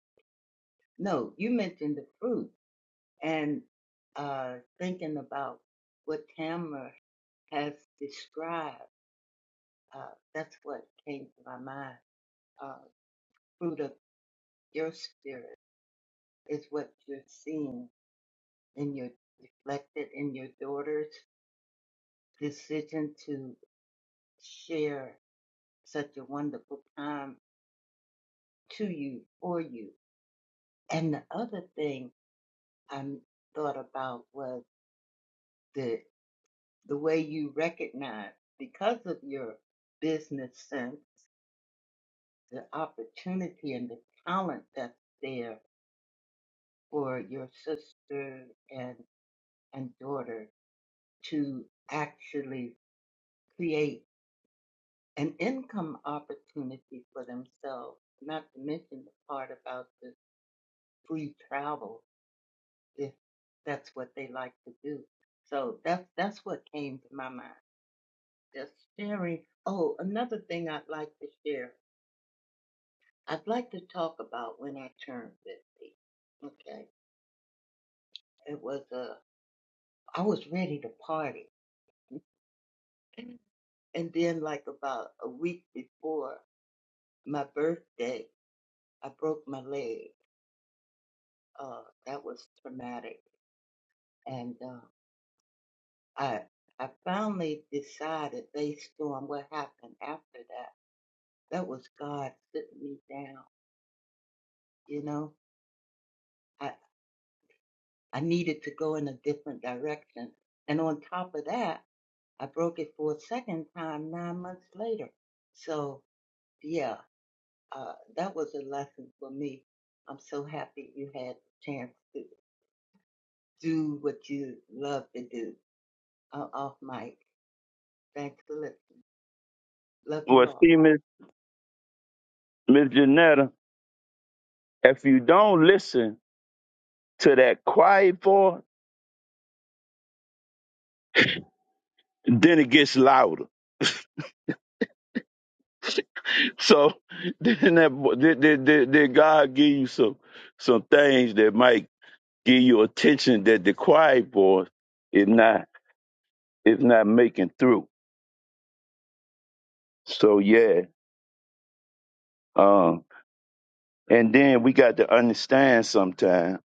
Speaker 4: No, you mentioned the fruit and uh, thinking about what Tamara has described. Uh, that's what came to my mind. Uh, fruit of your spirit is what you're seeing in your reflected in your daughter's decision to share such a wonderful time to you for you. And the other thing I thought about was the the way you recognize because of your business sense the opportunity and the talent that's there for your sister and and daughter to actually create an income opportunity for themselves not to mention the part about the free travel if that's what they like to do so that's that's what came to my mind just sharing. Oh, another thing I'd like to share. I'd like to talk about when I turned 50. Okay. It was a. I was ready to party. And then, like about a week before my birthday, I broke my leg. Uh, that was traumatic. And uh, I, I finally decided, based on what happened after that, that was God sitting me down. You know, I. I needed to go in a different direction. And on top of that, I broke it for a second time nine months later. So, yeah, uh, that was a lesson for me. I'm so happy you had the chance to do what you love to do. Uh, off mic. Thanks for listening. Love
Speaker 1: Well,
Speaker 4: you all.
Speaker 1: see, Miss Miss Janetta, if you don't listen to that quiet voice, then it gets louder So then that bo- did, did, did, did God give you some some things that might give you attention that the quiet voice is not is not making through. So yeah. Um and then we got to understand sometime.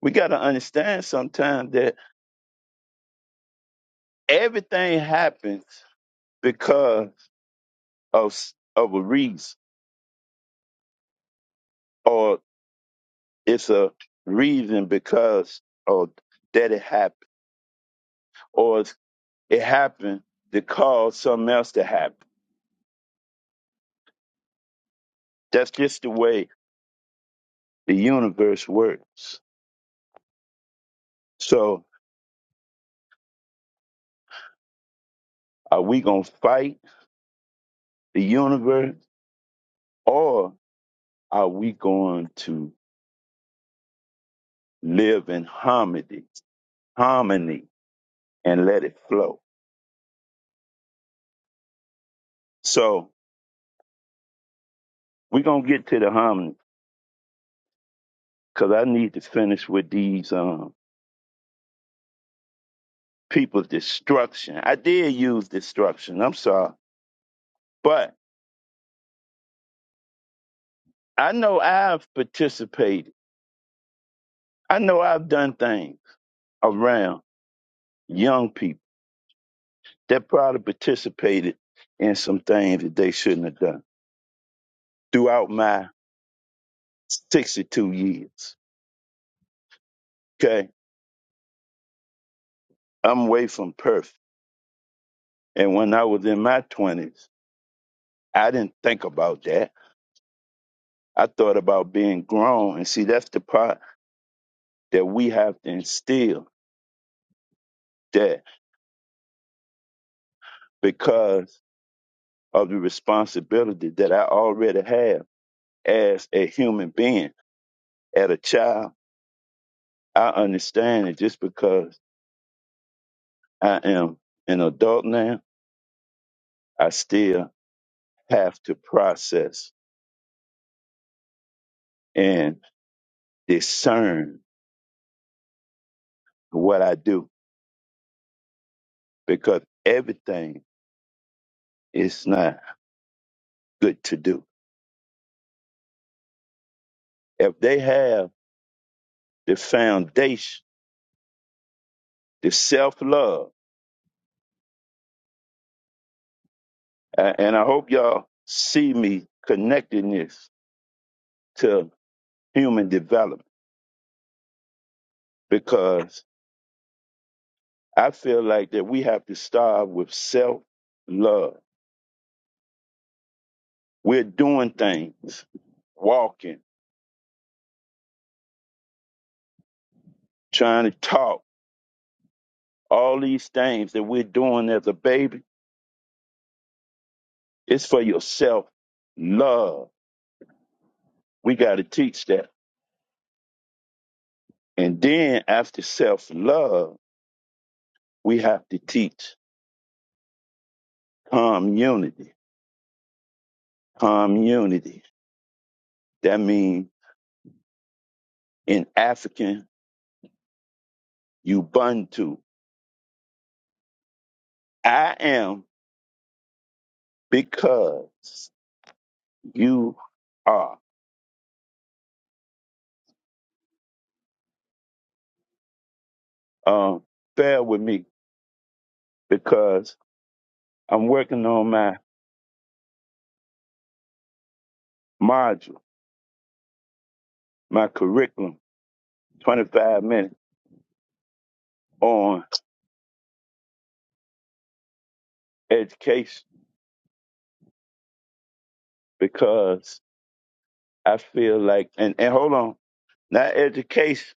Speaker 1: We gotta understand sometime that everything happens because of s- of a reason or it's a reason because of that it happened or it's- it happened to cause something else to happen That's just the way the universe works. So, are we going to fight the universe or are we going to live in harmony, harmony and let it flow? So, we're going to get to the harmony because I need to finish with these um, people's destruction. I did use destruction, I'm sorry, but I know I've participated, I know I've done things around young people They probably participated in some things that they shouldn't have done throughout my 62 years. Okay. I'm way from Perth. And when I was in my 20s, I didn't think about that. I thought about being grown. And see, that's the part that we have to instill that because of the responsibility that I already have as a human being, as a child, I understand that just because I am an adult now, I still have to process and discern what I do because everything is not good to do. If they have the foundation, the self love, and I hope y'all see me connecting this to human development because I feel like that we have to start with self love. We're doing things, walking, trying to talk, all these things that we're doing as a baby It's for your self love. We got to teach that. And then after self love, we have to teach community. Community. That means in African, Ubuntu. I am because you are. Um, bear with me because I'm working on my module, my curriculum, 25 minutes on education because I feel like, and, and hold on, not education,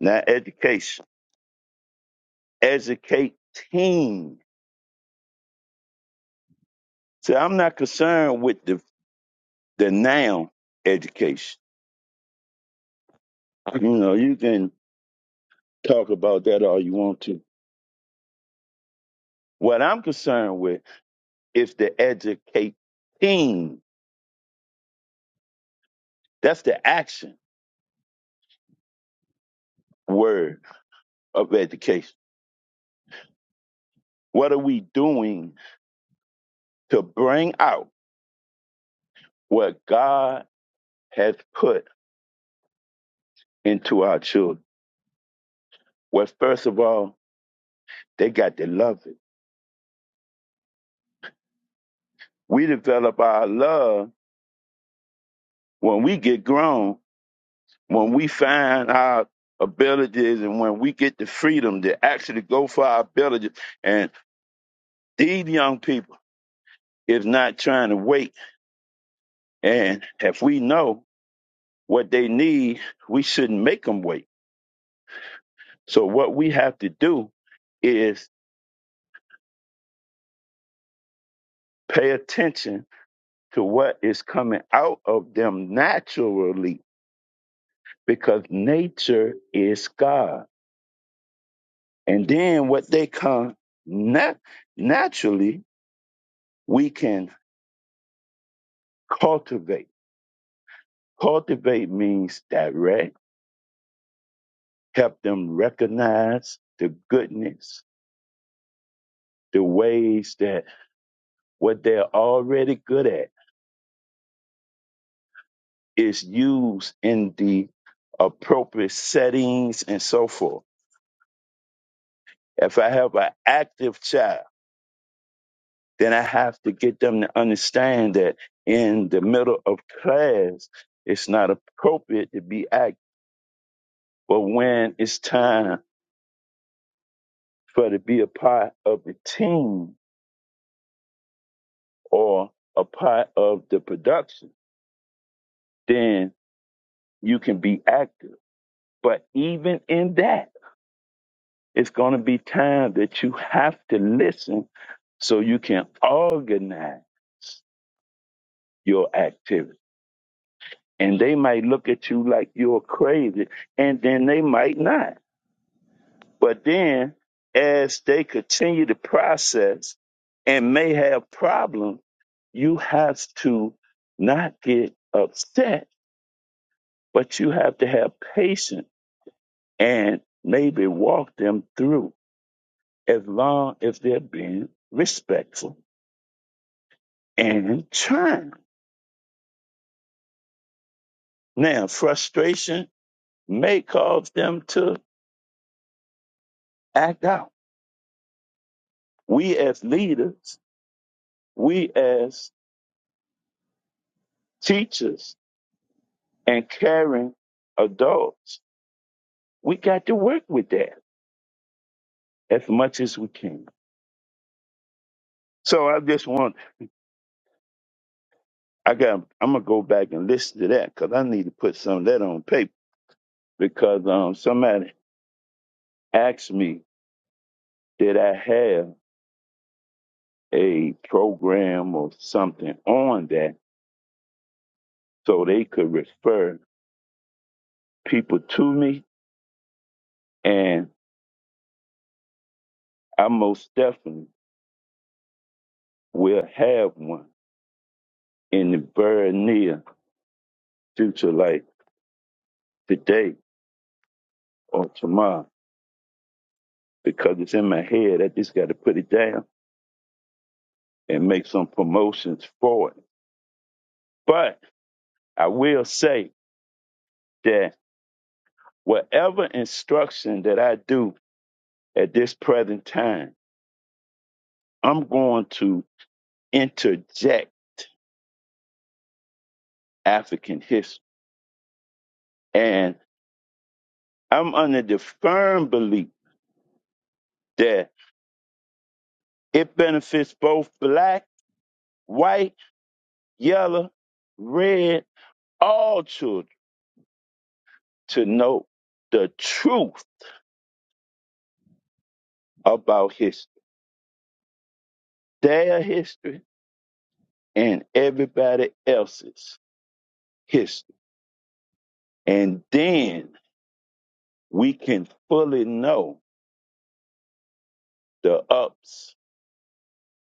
Speaker 1: not education, educating. So I'm not concerned with the the noun education. You know, you can talk about that all you want to. What I'm concerned with is the educating. That's the action word of education. What are we doing to bring out what God has put into our children? Well, first of all, they got to love it. We develop our love When we get grown, when we find our abilities and when we get the freedom to actually go for our abilities, and these young people is not trying to wait. And if we know what they need, we shouldn't make them wait. So what we have to do is pay attention to what is coming out of them naturally because nature is God. And then what they come nat- naturally, we can cultivate. Cultivate means direct, help them recognize the goodness, the ways that what they're already good at is used in the appropriate settings and so forth. If I have an active child, then I have to get them to understand that in the middle of class, it's not appropriate to be active. But when it's time for to be a part of the team, or a part of the production, then you can be active. But even in that, it's going to be time that you have to listen so you can organize your activity. And they might look at you like you're crazy, and then they might not. But then, as they continue the process and may have problems, you have to not get upset, but you have to have patience and maybe walk them through as long as they're being respectful and trying. Now, frustration may cause them to act out. We as leaders, we as teachers and caring adults, we got to work with that as much as we can. So I just want, I got, I'm gonna go back and listen to that because I need to put some of that on paper because um, somebody asked me, did I have a program or something on that so they could refer people to me. And I most definitely will have one in the very near future, like today or tomorrow, because it's in my head. I just got to put it down and make some promotions for it. But I will say that whatever instruction that I do at this present time, I'm going to interject African history And I'm under the firm belief that it benefits both black, white, yellow, red, all children to know the truth about history, their history, and everybody else's history. And then we can fully know the ups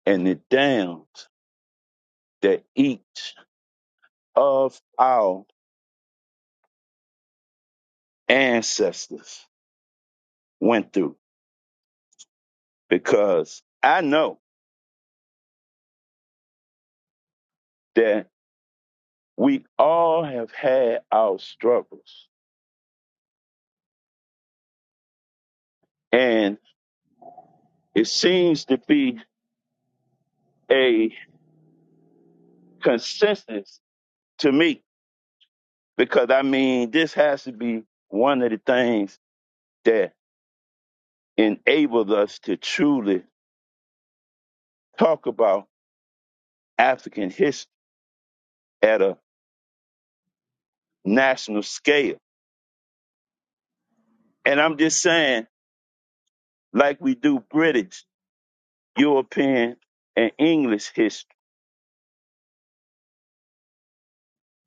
Speaker 1: and the downs that each of our ancestors went through. Because I know that. We all have had our struggles, and it seems to be a consensus to me because I mean, this has to be one of the things that enabled us to truly talk about African history at a national scale. And I'm just saying, like we do British, European, and English history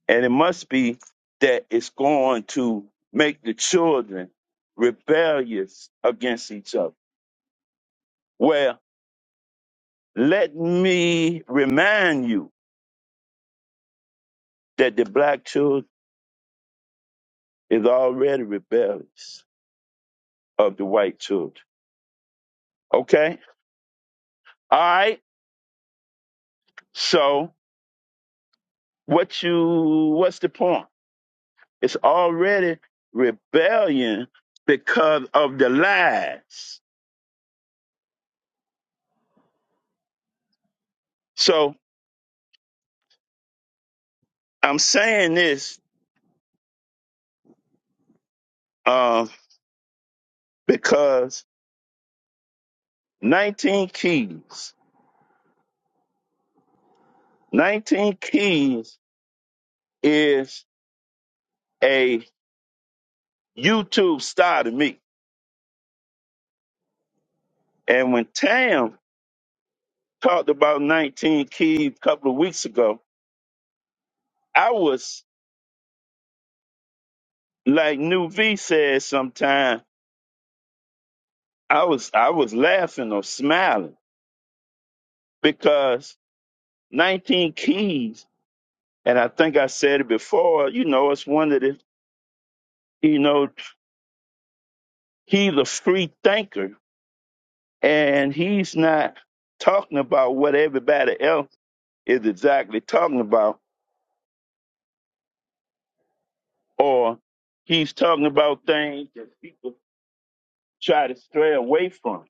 Speaker 1: And it must be that it's going to make the children rebellious against each other. Well, let me remind you that the black child is already rebellious of the white children. Okay? All right. So what you what's the point? It's already rebellion because of the lies. So I'm saying this um, because 19 Keys. 19 Keys is a YouTube star to me. And when Tam talked about 19 Keys a couple of weeks ago, I was like New V said sometime, I was I was laughing or smiling because 19 Keys, and I think I said it before, you know, it's one of the, you know, he's a free thinker and he's not talking about what everybody else is exactly talking about, or he's talking about things that people try to stray away from.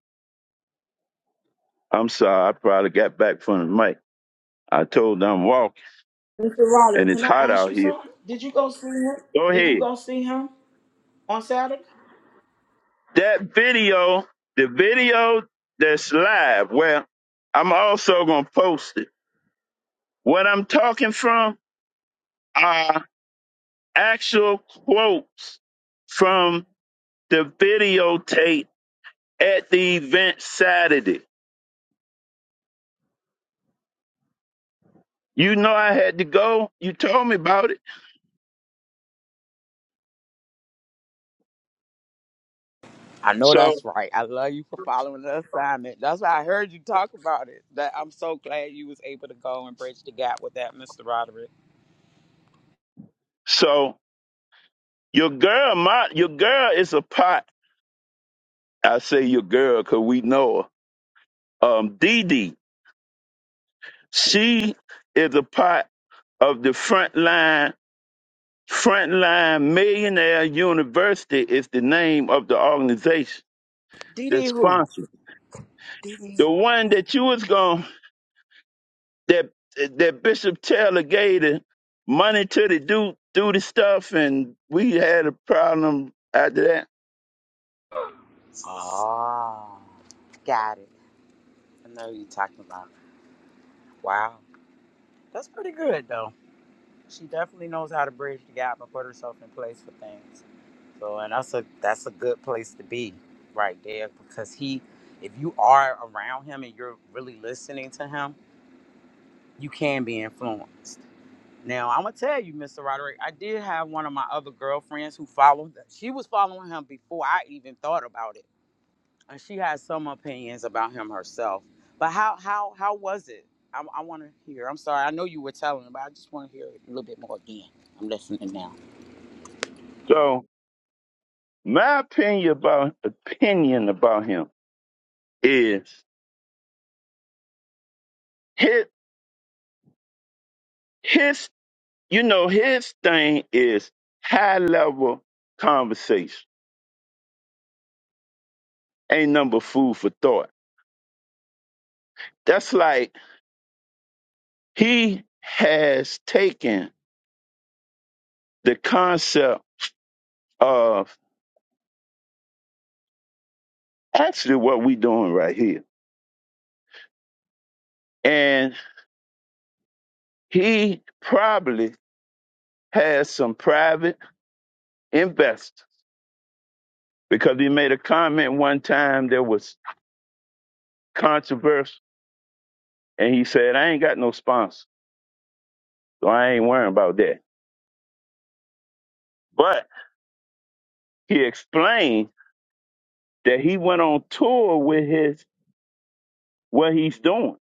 Speaker 1: I'm sorry, I probably got back from the mic. I told them I'm walking and it's hot out here. Go ahead. That video, the video that's live, well, I'm also going to post it. What I'm talking from are actual quotes from the videotape at the event Saturday. You know I had to go. You told me about it. So so your girl, my your girl is a pot. I say your girl because we know her. Um, Dee Dee, she is a part of the frontline frontline millionaire university is the name of the organization the sponsor the one that you was going that that bishop taylor gave the money to to do do the stuff and we had a problem after that so My opinion about opinion about him is his his you know his thing is high level conversation. Ain't number food for thought. That's like he has taken the concept of actually what we doing right here, and he probably has some private investors because he made a comment one time that was controversial, and he said, "I ain't got no sponsor." So I ain't worrying about that. But he explained that he went on tour with his what he's doing.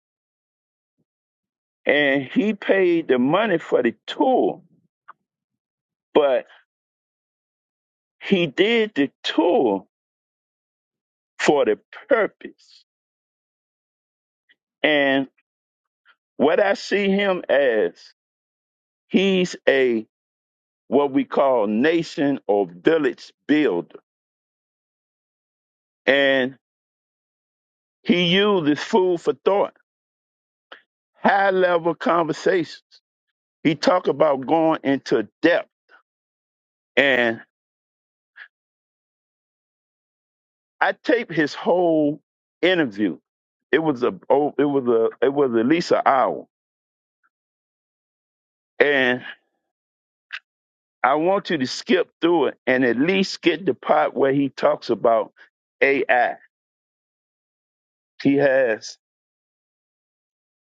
Speaker 1: And he paid the money for the tour, but he did the tour for the purpose. And what I see him as, he's a what we call nation or village builder. And he uses food for thought, high level conversations. He talk about going into depth. And I taped his whole interview. It was a oh, it was a it was at least an hour, and I want you to skip through it and at least get the part where he talks about AI. He has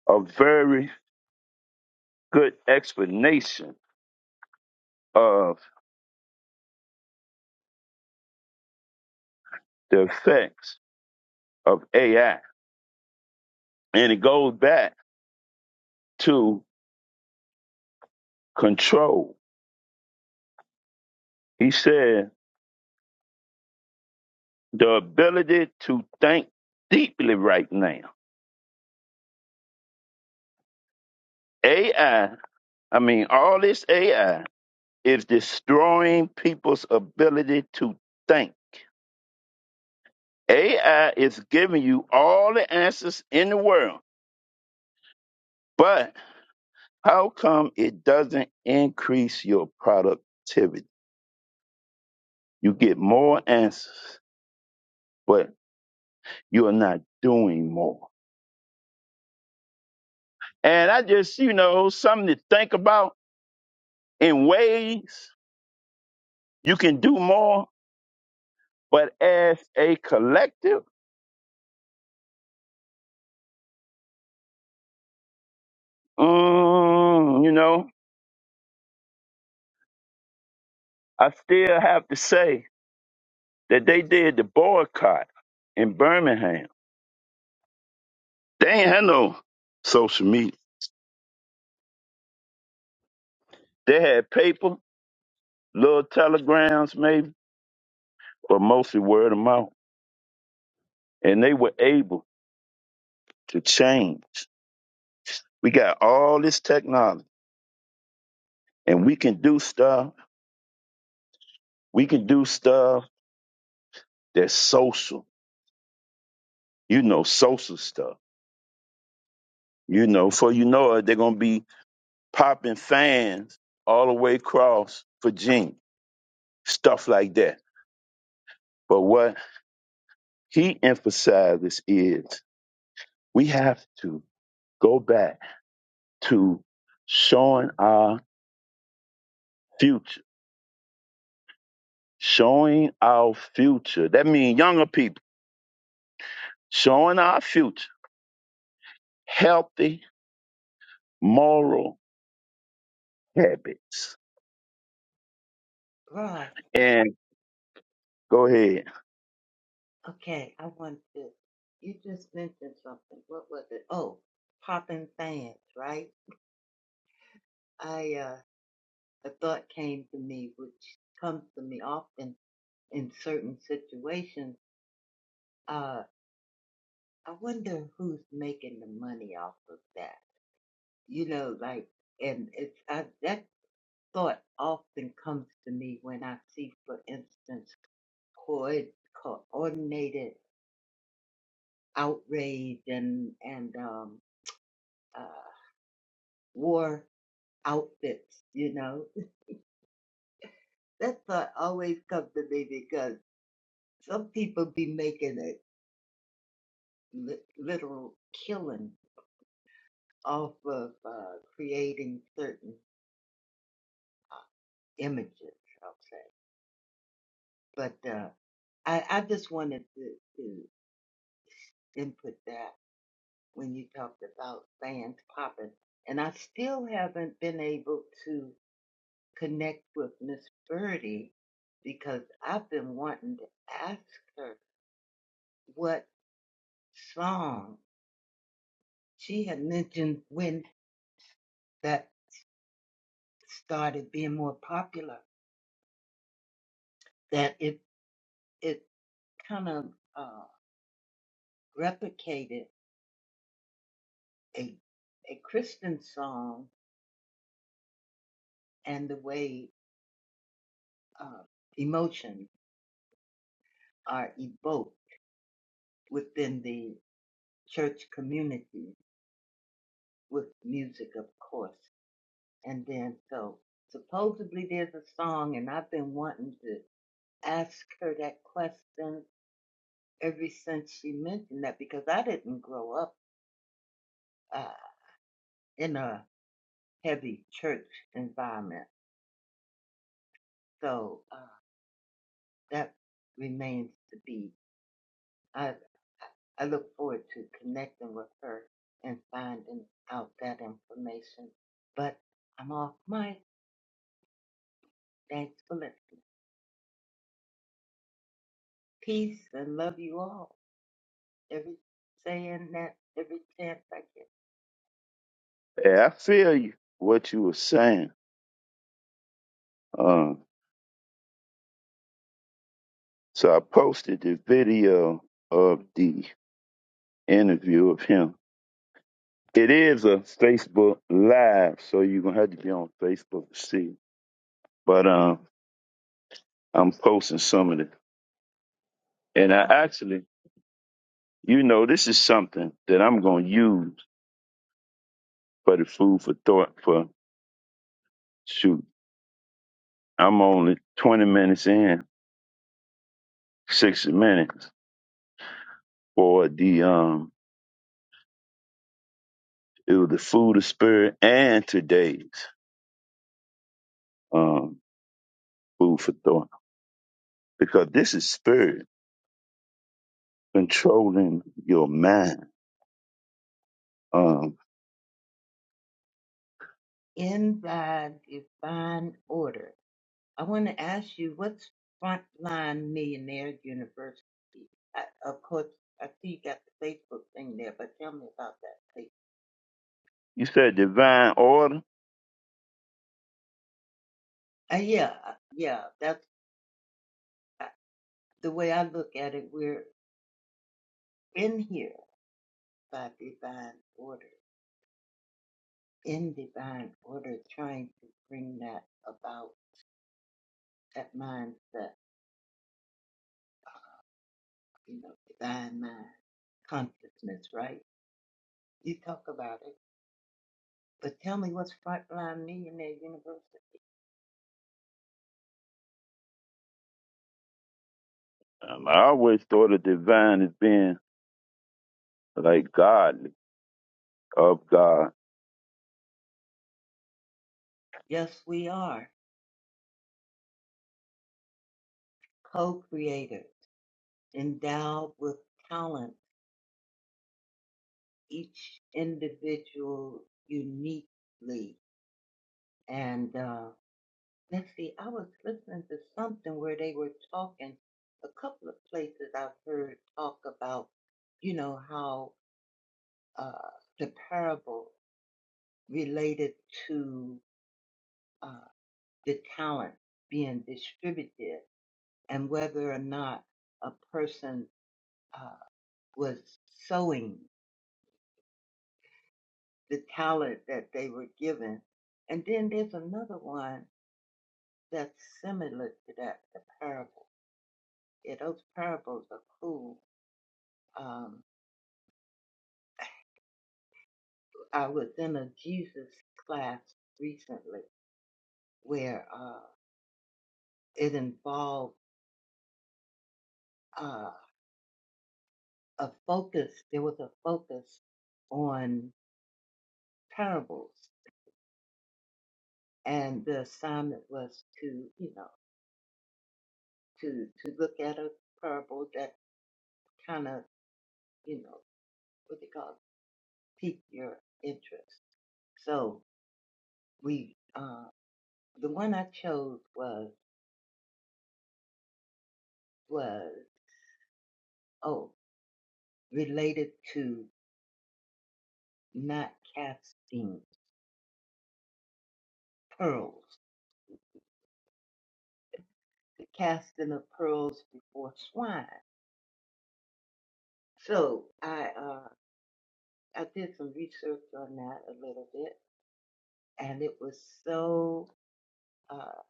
Speaker 1: a very good explanation of the effects of AI, and it goes back to control. He said the ability to think deeply right now. AI, I I mean, all this AI is destroying people's ability to think. AI is giving you all the answers in the world, but how come it doesn't increase your productivity? You get more answers, but you're not doing more. And I just, you know, something to think about in ways you can do more, but as a collective, mm, you know, I still have to say that they did the boycott in Birmingham. They ain't had no social media. They had paper, little telegrams maybe, but mostly word of mouth. And they were able to change. We got all this technology and we can do stuff. We can do stuff that's social, you know, social stuff. You know, for you know it, they're going to be popping fans all the way across Virginia, stuff like that. But what he emphasizes is We have to go back to showing our future, showing our future. That means younger people, showing our future, healthy moral habits.
Speaker 4: Right.
Speaker 1: And go ahead.
Speaker 4: Okay. I want to. You just mentioned something. What was it? Oh, popping fans, right? I, uh, a thought came to me, which comes to me often in certain situations, uh, I wonder who's making the money off of that. You know, like, and it's I, that thought often comes to me when I see, for instance, coed- coordinated outrage and and um, uh, war outfits. You know, that thought always comes to me because some people be making a li- literal killing off of uh, creating certain. images, I'll say. But uh, I, I just wanted to, to input that when you talked about fans popping. And I still haven't been able to connect with Miss Birdie because I've been wanting to ask her what song she had mentioned when that started being more popular, that it it kind of uh, replicated a a Christian song and the way uh, emotion are evoked within the church community with music, of course. And then, so supposedly there's a song, and I've been wanting to ask her that question ever since she mentioned that because I didn't grow up uh, in a heavy church environment. So uh, that remains to be. I I look forward to connecting with her and finding out that information. But I'm off mic. Thanks for listening. Peace and love you all. Every saying that every chance I get.
Speaker 1: Yeah, I feel you, what you were saying. Um, so I posted the video of the interview of him. It is a Facebook live, so you're gonna have to be on Facebook to see. But um, I'm posting some of it. And I actually, you know, this is something that I'm going to use for the food for thought for shoot. I'm only 20 minutes in, 60 minutes for the um it was the food of spirit and today's um food for thought because this is spirit controlling your mind. Um
Speaker 4: In thy divine order. I want to ask you what's Frontline Millionaire University? I, of course, I see you got the Facebook thing there, but tell me about that, please.
Speaker 1: you said divine order.
Speaker 4: Uh, yeah, uh, yeah, that's uh, the way I look at it. We're in here by divine order, in divine order, trying to bring that about, that mindset, you know, divine mind, consciousness, right? You talk about it, but tell me what's Frontline Millionaire University?
Speaker 1: Um, I always thought of divine as being like godly of God.
Speaker 4: Yes, we are co-creators, endowed with talent, each individual uniquely. And uh, Let's see, I was listening to something where they were talking, a couple of places I've heard talk about, you know, how uh, the parable related to uh, the talent being distributed and whether or not a person uh, was sowing the talent that they were given. And then there's another one that's similar to that, the parable. Yeah, those parables are cool. Um, I was in a Jesus class recently where uh, it involved uh, a focus. There was a focus on parables, and the assignment was to, you know, to to look at a parable that kind of, you know, what they call it, pique your interest. So we, uh, the one I chose was was oh related to not casting pearls the casting of pearls before swine. So I uh, I did some research on that a little bit, and it was so uh,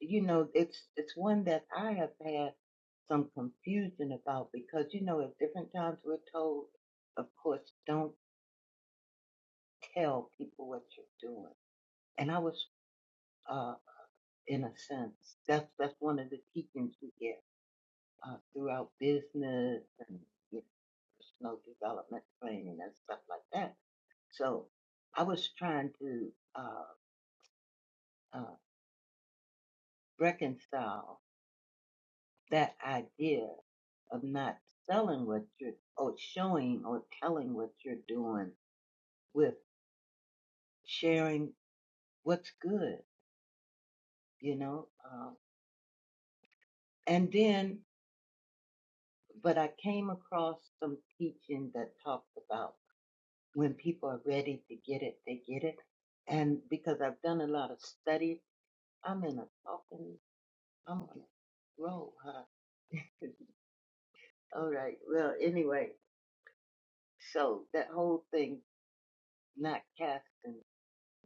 Speaker 4: you know it's it's one that I have had some confusion about because you know at different times we're told, of course, don't tell people what you're doing, and I was uh, in a sense that's that's one of the teachings we get uh, throughout business and you know, personal development training and stuff like that So I was trying to uh, uh, reconcile that idea of not selling what you're or showing or telling what you're doing with sharing what's good, you know. Um, and then, but I came across some teaching that talked about when people are ready to get it, they get it. And because I've done a lot of study, I'm in a talking, I'm on a roll, huh? All right. Well, anyway, So that whole thing, not casting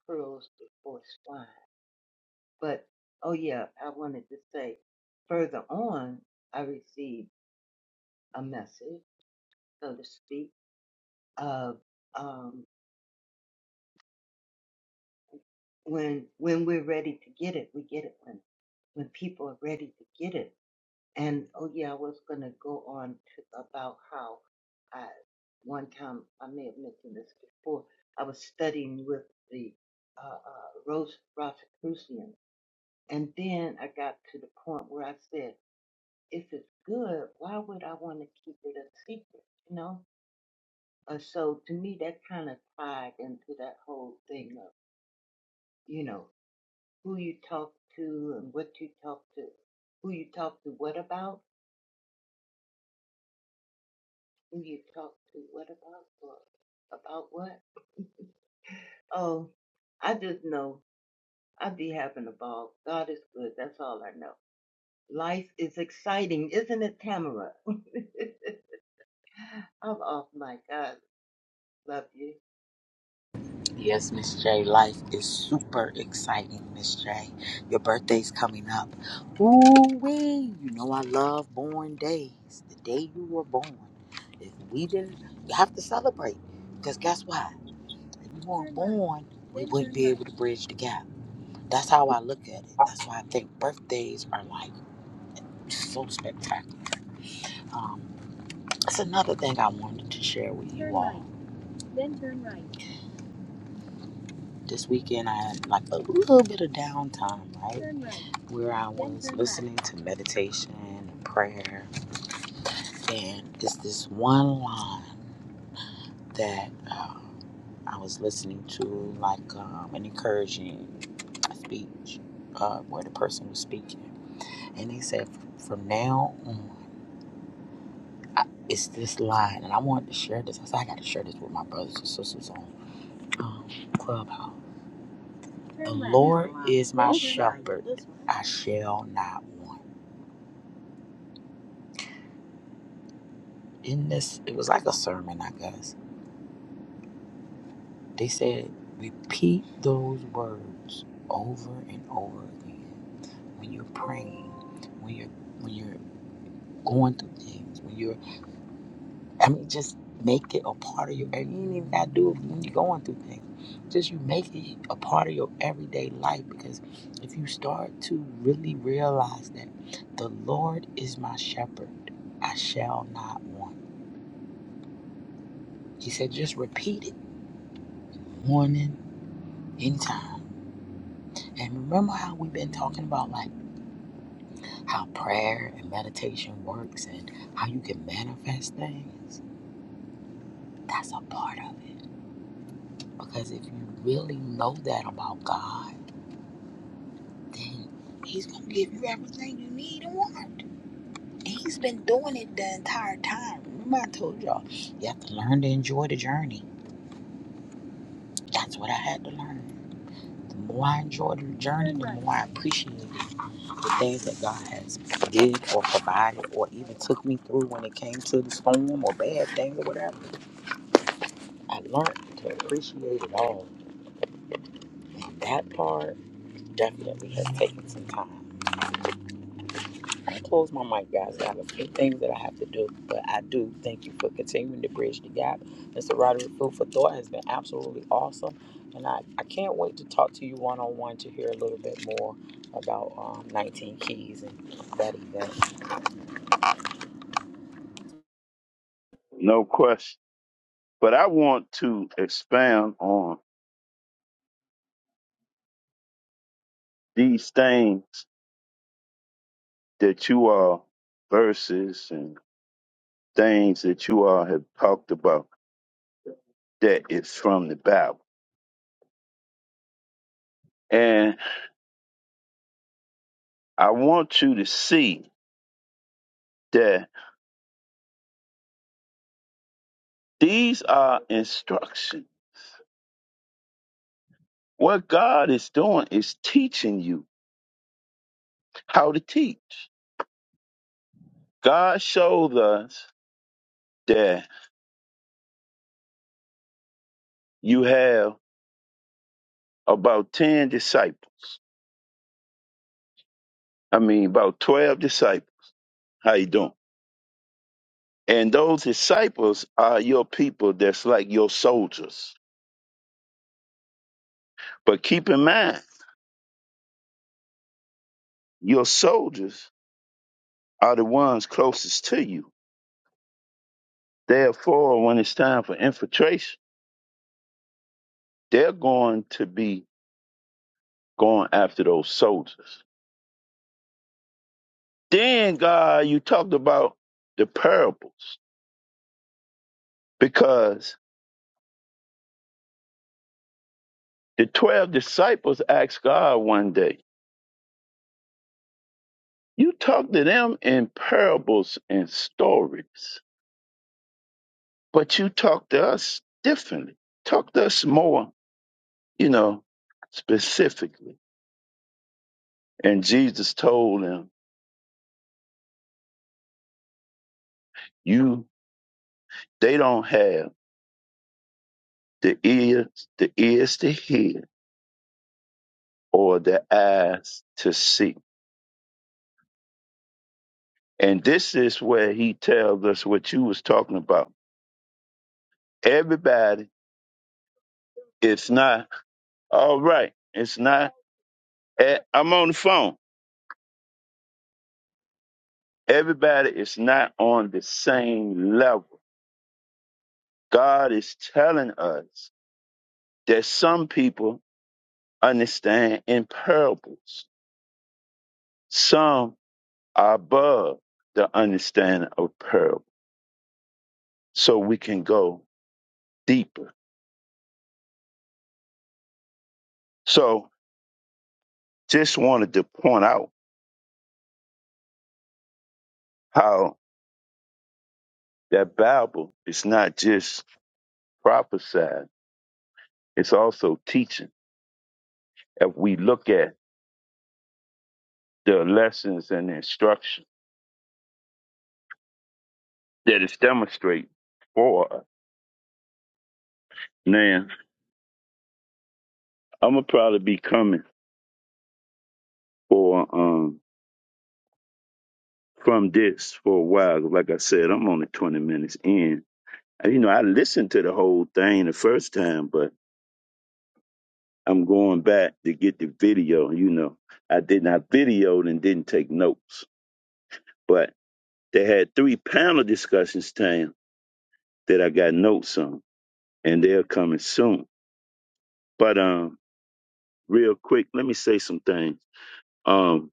Speaker 4: pearls before swine. But oh yeah, I wanted to say further on, I received a message, so to speak, of um, when when we're ready to get it, we get it when when people are ready to get it. And oh yeah, I was gonna go on to about how I one time I may have mentioned this before. I was studying with the uh, uh, Rose Rosicrucian. And then I got to the point where I said, if it's good, why would I want to keep it a secret? You know? Uh, so to me, that kind of tied into that whole thing of, you know, who you talk to and what you talk to, who you talk to what about, who you talk to what about, or about what. Oh, I just know i be having a ball. God is good. That's all I know. Life is exciting, isn't it, Tamara? I'm off my God. Love you.
Speaker 3: Then turn right. Turn right.
Speaker 1: No question But I want to expound on these things that you are verses and things that you all have talked about that is from the Bible. And I want you to see that these are instructions. What God is doing is teaching you how to teach. God showed us that you have about 10 disciples. I mean, about 12 disciples. How you doing? And those disciples are your people that's like your soldiers. But keep in mind, your soldiers are the ones closest to you. Therefore, when it's time for infiltration, they're going to be going after those soldiers. Then, God, you talked about the parables because the 12 disciples asked God one day, You talk to them in parables and stories, but you talk to us differently. Talk to us more you know, specifically. And Jesus told them, You they don't have the ears, the ears to hear or the eyes to see. And this is where he tells us what you was talking about. Everybody, it's not all right. It's not eh, I'm on the phone. Everybody is not on the same level. God is telling us that some people understand in parables. Some above the understanding of parable so we can go deeper. So just wanted to point out how that Bible is not just prophesied, it's also teaching. If we look at the lessons and instruction that it's demonstrating for us. Now, I'm gonna probably be coming for um from this for a while. Like I said, I'm only 20 minutes in. And, You know, I listened to the whole thing the first time, but I'm going back to get the video. You know, I didn't I videoed and didn't take notes, but they had three panel discussions, Tam, that I got notes on, and they're coming soon. But um, real quick, let me say some things. Um,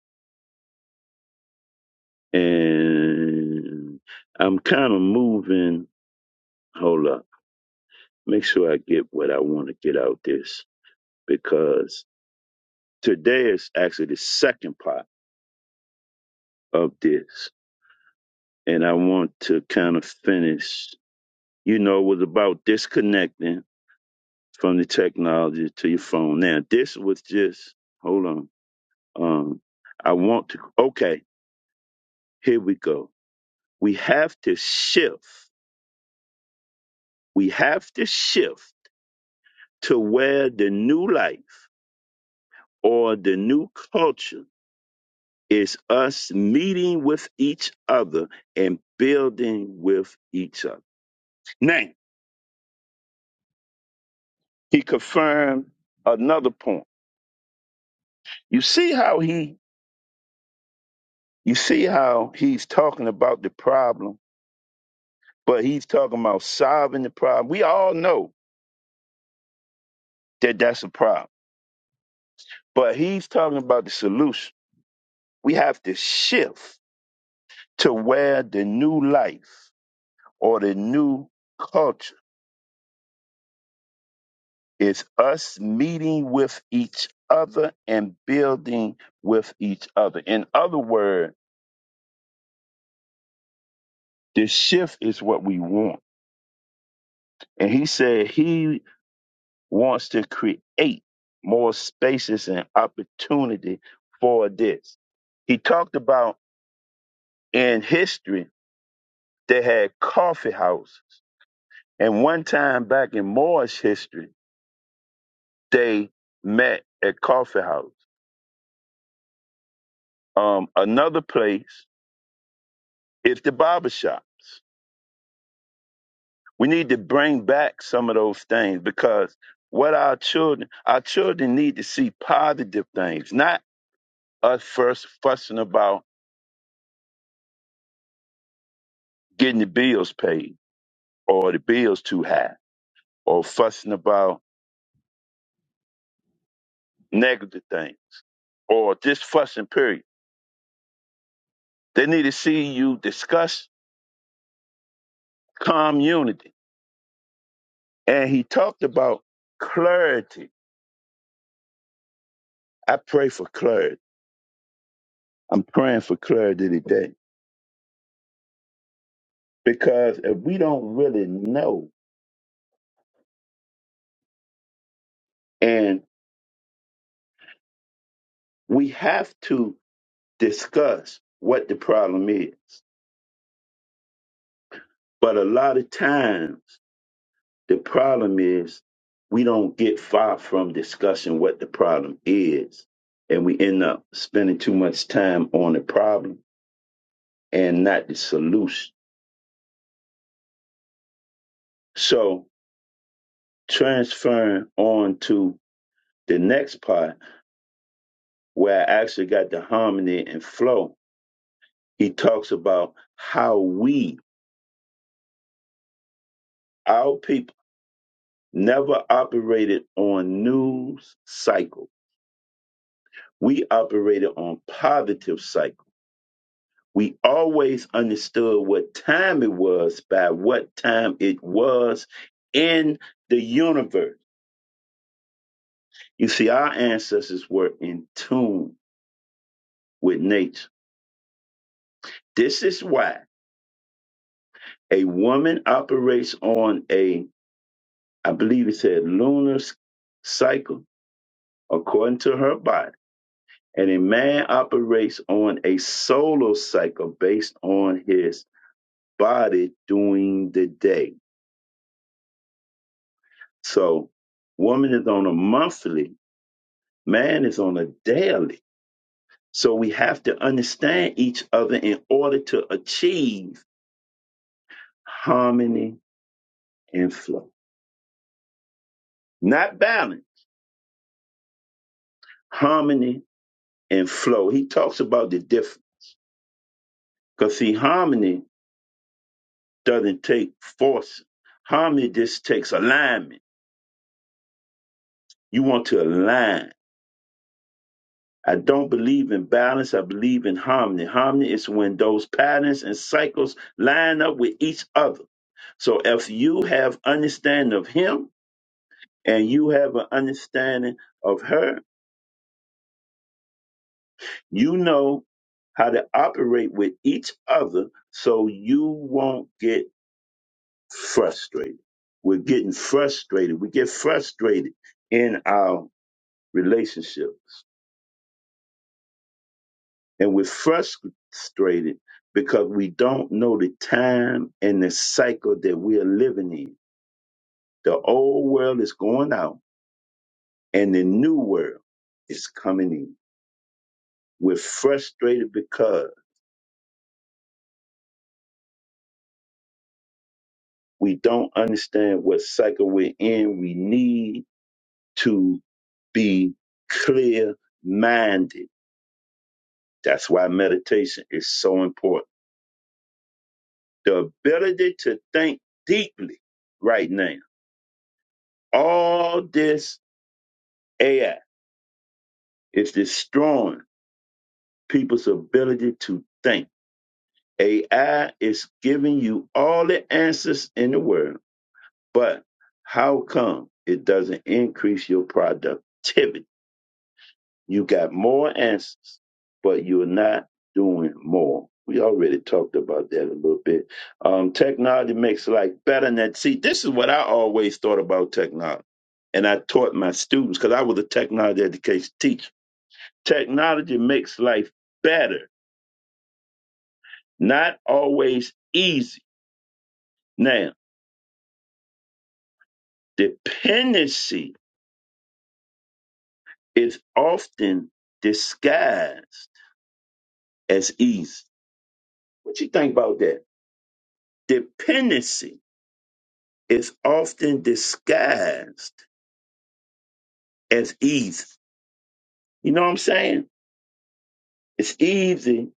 Speaker 1: and I'm kind of moving. Hold up, make sure I get what I want to get out this because today is actually the second part of this, and I want to kind of finish. you know, was about disconnecting from the technology to your phone. Now, this was just, hold on. Um, I want to, okay, here we go. We have to shift. We have to shift to where the new life or the new culture is us meeting with each other and building with each other. Now, he confirmed another point. You see how he You see how he's talking about the problem, but he's talking about solving the problem. We all know that that's a problem, but he's talking about the solution. We have to shift to where the new life or the new culture is us meeting with each other and building with each other. In other words, the shift is what we want. And he said he wants to create more spaces and opportunity for this. He talked about in history they had coffee houses. And one time back in Moore's history, they met at coffee house. Um, another place is the barber shops. We need to bring back some of those things because what our children, our children need to see positive things, not us first fussing about getting the bills paid or the bill's too high, or fussing about negative things, or just fussing, period. They need to see you discuss community. And he talked about clarity. I pray for clarity. I'm praying for clarity today because if we don't really know, and we have to discuss what the problem is. But a lot of times, The problem is we don't get far from discussing what the problem is, and we end up spending too much time on the problem and not the solution. So transferring on to the next part where I actually got the harmony and flow, he talks about how we, our people, never operated on news cycle. We operated on positive cycle We always understood what time it was by what time it was in the universe. You see, our ancestors were in tune with nature. This is why a woman operates on a, I believe it said, lunar s- cycle according to her body, and a man operates on a solar cycle based on his body during the day. So, woman is on a monthly Man is on a daily. So we have to understand each other in order to achieve harmony and flow. Not balance, harmony and flow. He talks about the difference. Because see, harmony doesn't take force. Harmony just takes alignment. You want to align. I don't believe in balance. I believe in harmony. Harmony is when those patterns and cycles line up with each other. So if you have understanding of him, and you have an understanding of her, you know how to operate with each other so you won't get frustrated. We're getting frustrated. We get frustrated in our relationships. And we're frustrated because we don't know the time and the cycle that we are living in. The old world is going out and the new world is coming in. We're frustrated because We don't understand what cycle we're in. We need to be clear minded. That's why meditation is so important. The ability to think deeply right now. All this AI is destroying people's ability to think. AI is giving you all the answers in the world, but how come it doesn't increase your productivity? You got more answers, but you're not doing more. We already talked about that a little bit. Um, technology makes life better. And that, see, this is what I always thought about technology. And I taught my students because I was a technology education teacher. Technology makes life better, not always easy. Now, dependency is often disguised as easy. What you think about that? Dependency is often disguised as easy. You know what I'm saying? It's easy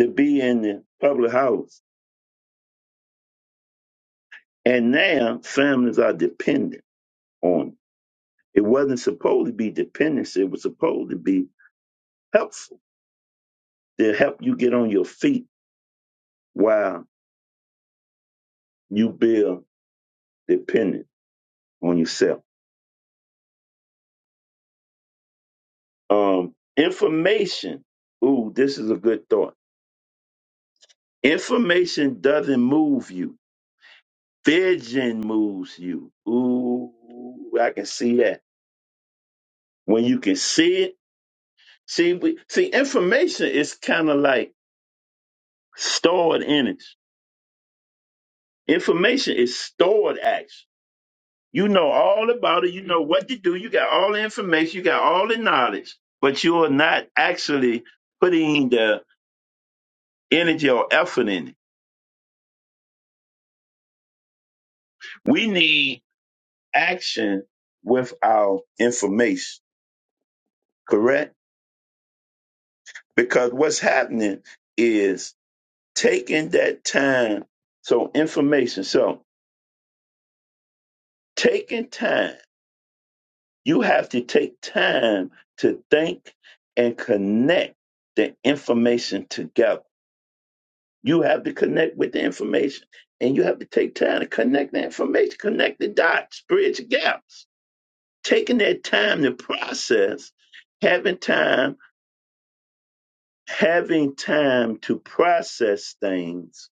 Speaker 1: to be in the public house. And now families are dependent on it. It wasn't supposed to be dependency, it was supposed to be helpful to help you get on your feet while you build dependent on yourself. Um, information. Ooh, this is a good thought. Information doesn't move you Vision moves you. Ooh, I can see that. When you can see it, see, we, see, information is kind of like stored in it. Information is stored action. You know all about it. You know what to do. You got all the information. You got all the knowledge, but you are not actually putting the energy or effort in it. We need action with our information, correct? Because what's happening is taking that time. So information. So taking time. You have to take time to think and connect the information together. You have to connect with the information and you have to take time to connect the information, connect the dots, bridge gaps. Taking that time to process, having time, having time to process things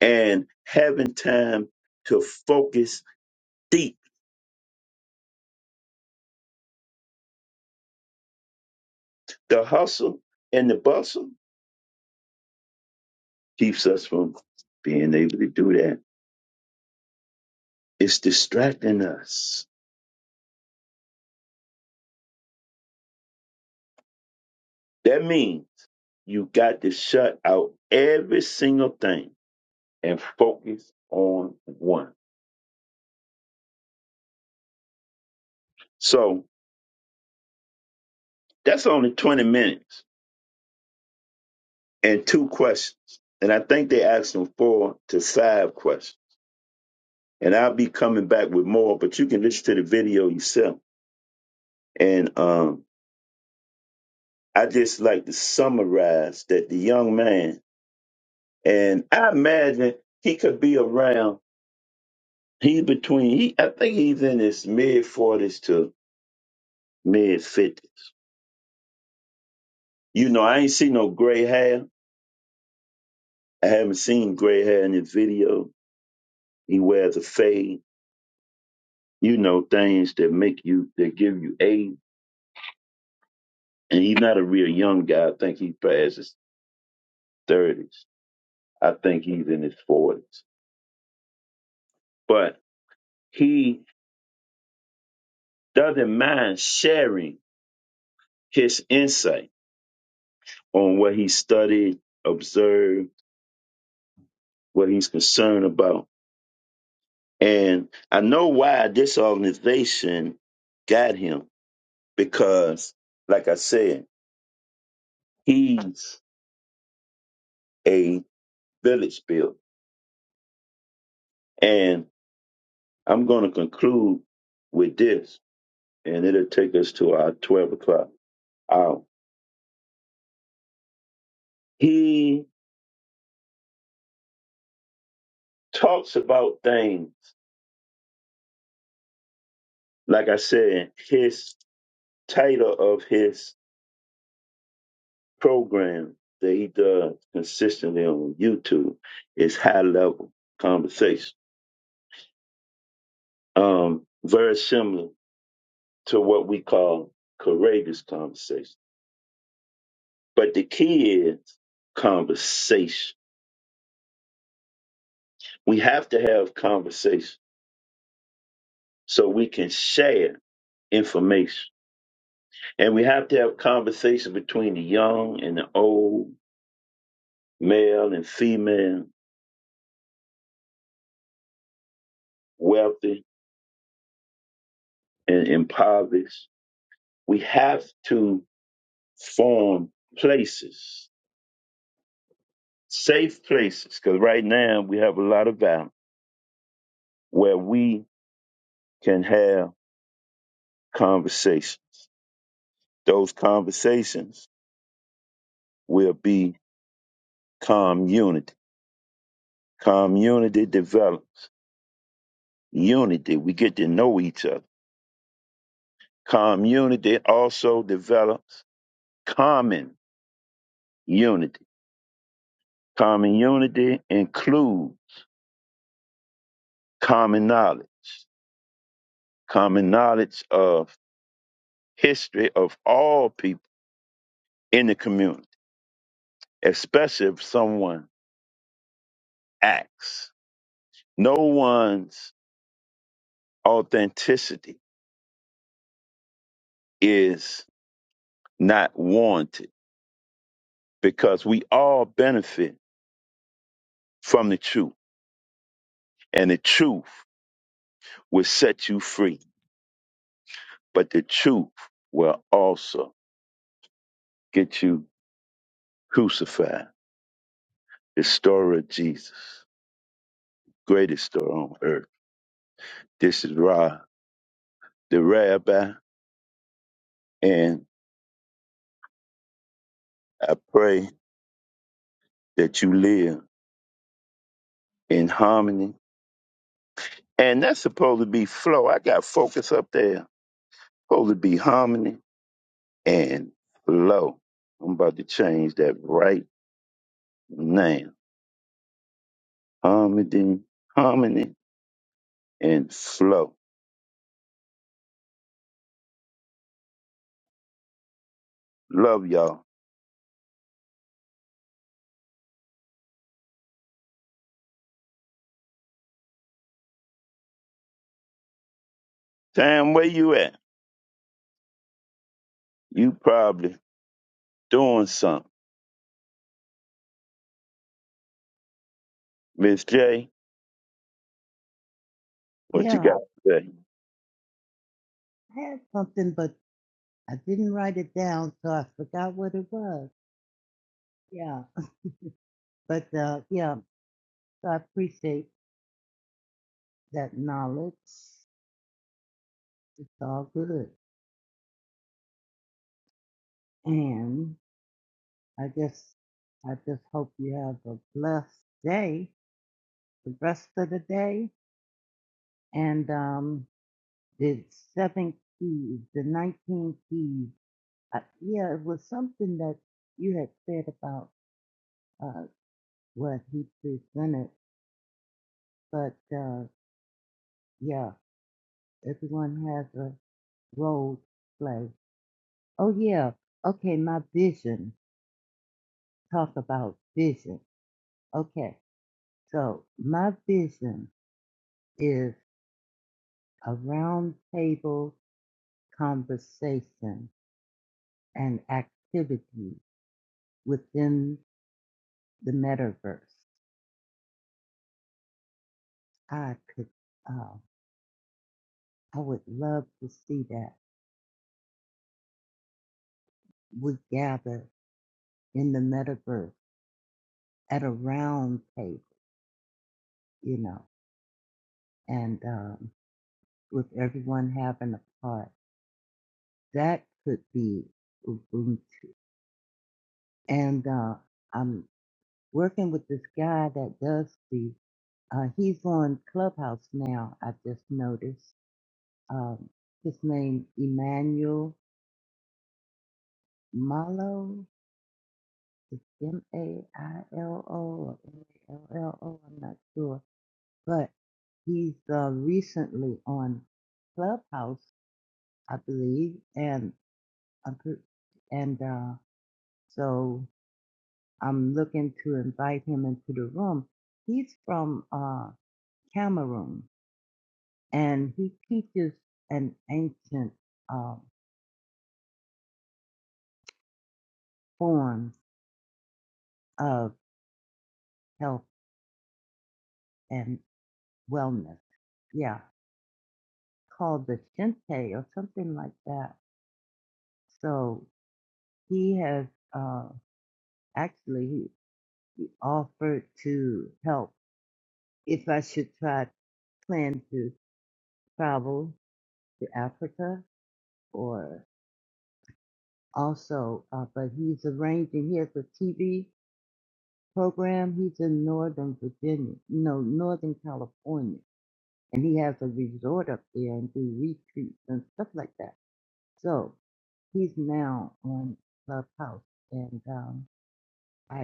Speaker 1: and having time to focus deep. The hustle and the bustle keeps us from being able to do that. It's distracting us. That means you got to shut out every single thing and focus on one. So that's only 20 minutes and two questions. And I think they asked them four to five questions. And I'll be coming back with more, but you can listen to the video yourself. And um, I just like to summarize that the young man And I imagine he could be around. He's between. He, I think he's in his mid forties to mid fifties. You know, I ain't seen no gray hair. I haven't seen gray hair in his video. He wears a fade. You know, things that make you that give you age. And he's not a real young guy. I think he's past his thirties. I think he's in his forties. But he doesn't mind sharing his insight on what he studied, observed, what he's concerned about. And I know why this organization got him because, like I said, he's a village builder. And I'm going to conclude with this, and it'll take us to our 12 o'clock hour. He talks about things, like I said, his title of his program that he does consistently on YouTube is High Level Conversation um, very similar to what we call courageous conversation. But the key is conversation. We have to have conversation so we can share information. And we have to have conversation between the young and the old, male and female, wealthy and impoverished. We have to form places, safe places, because right now we have a lot of violence where we can have conversation. Those conversations will be community. Community develops unity. We get to know each other. Community also develops common unity. Common unity includes common knowledge, common knowledge of history of all people in the community, especially if someone acts. No one's authenticity is not warranted because we all benefit from the truth, and the truth will set you free, but the truth will also get you crucified. The story of Jesus, greatest story on earth. This is Ra, the rabbi, and I pray that you live in harmony. And that's supposed to be flow. I got focus up there. Supposed to be harmony and flow. I'm about to change that right now. harmony, harmony, and flow. Love y'all. Tam, where you at? You probably doing something. Miss J, what you
Speaker 4: Yeah,
Speaker 1: got to say?
Speaker 4: I had something, but I didn't write it down, so I forgot what it was. Yeah, but uh, yeah, so I appreciate that knowledge. It's all good, and I just, I just hope you have a blessed day, the rest of the day, and um, the seven keys, the nineteen keys. Uh, yeah, it was something that you had said about uh, what he presented, but uh, yeah. everyone has a role to play. Oh yeah, okay, my vision. Talk about vision. Okay, so my vision is a round table conversation and activity within the metaverse. I could, uh, I would love to see that. We gather in the metaverse at a round table, you know, and um, with everyone having a part that could be Ubuntu. And uh, I'm working with this guy that does the, uh, he's on Clubhouse now, I just noticed. Um, his name, Emmanuel Malo, M-A-I-L-O or M-A-L-L-O, I'm not sure. But he's uh, recently on Clubhouse, I believe, and I'm pre- and uh, so I'm looking to invite him into the room. He's from uh, Cameroon, and he teaches an ancient uh, form of health and wellness. Yeah, called the Shinte or something like that. So he has uh, actually he, he offered to help if I should try plan to travel to Africa or. also, uh, but he's arranging. He has a TV program. He's in Northern Virginia, no, Northern California, and he has a resort up there and do retreats and stuff like that. So he's now on Clubhouse, and um, I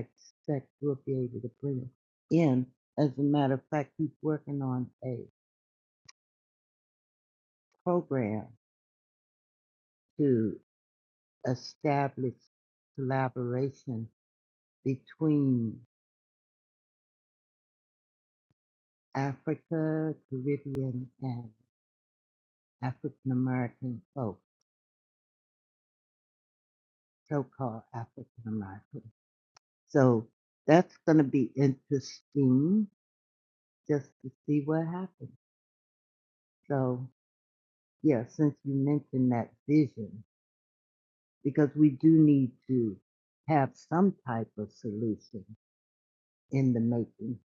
Speaker 4: expect we'll be able to bring him in. As a matter of fact, he's working on a program to establish collaboration between Africa, Caribbean, and African American folk, so called African American. So that's going to be interesting just to see what happens. So, yeah, since you mentioned that vision, because we do need to have some type of solution in the making.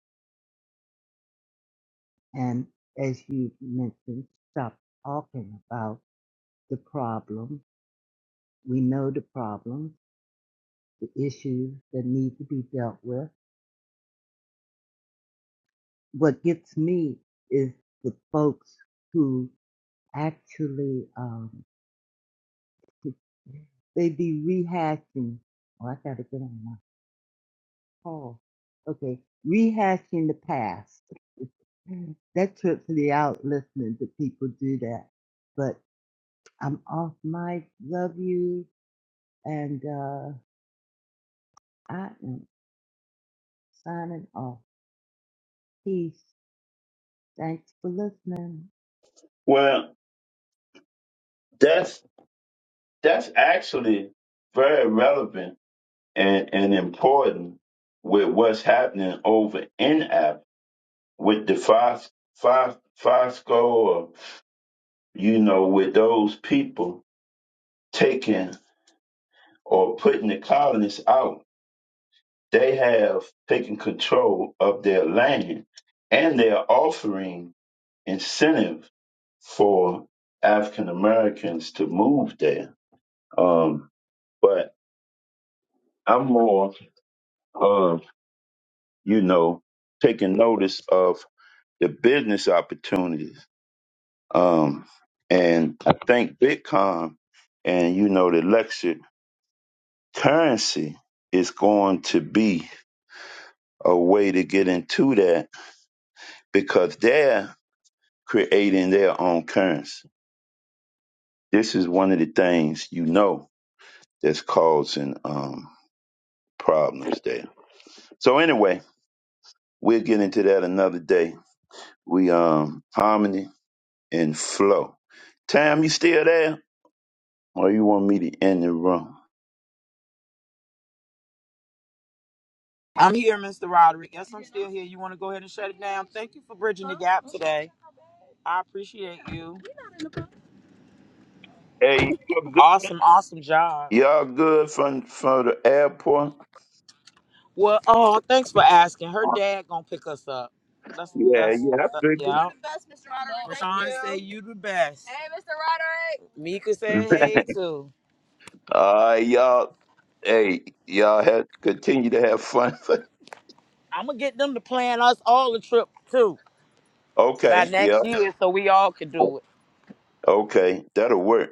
Speaker 4: And as you mentioned, stop talking about the problem. We know the problem, the issues that need to be dealt with what gets me is the folks who actually um, they be rehashing. Oh, I gotta get on my call. Okay, rehashing the past. that trips me out listening to people do that. But I'm off mic. Love you, and uh, I am signing off. Peace. Thanks for listening.
Speaker 1: Well, that's that's actually very relevant and, and important with what's happening over in app with the Fos, Fos, Fosco or you know, with those people taking or putting the colonists out They have taken control of their land and they are offering incentive for African Americans to move there. Um, but I'm more of, you know, taking notice of the business opportunities. Um, and I think Bitcoin and, you know, the lecture currency is going to be a way to get into that because there creating their own currency. This is one of the things you know that's causing um, problems there. So anyway, we'll get into that another day. We um harmony and flow. Tam, you still there? Or you want me to end the room? Hey, y'all good, y'all good from from the airport? Yeah, yeah, I figured. All right, y'all. Hey, y'all have continue to have fun. okay, yeah, okay, that'll work.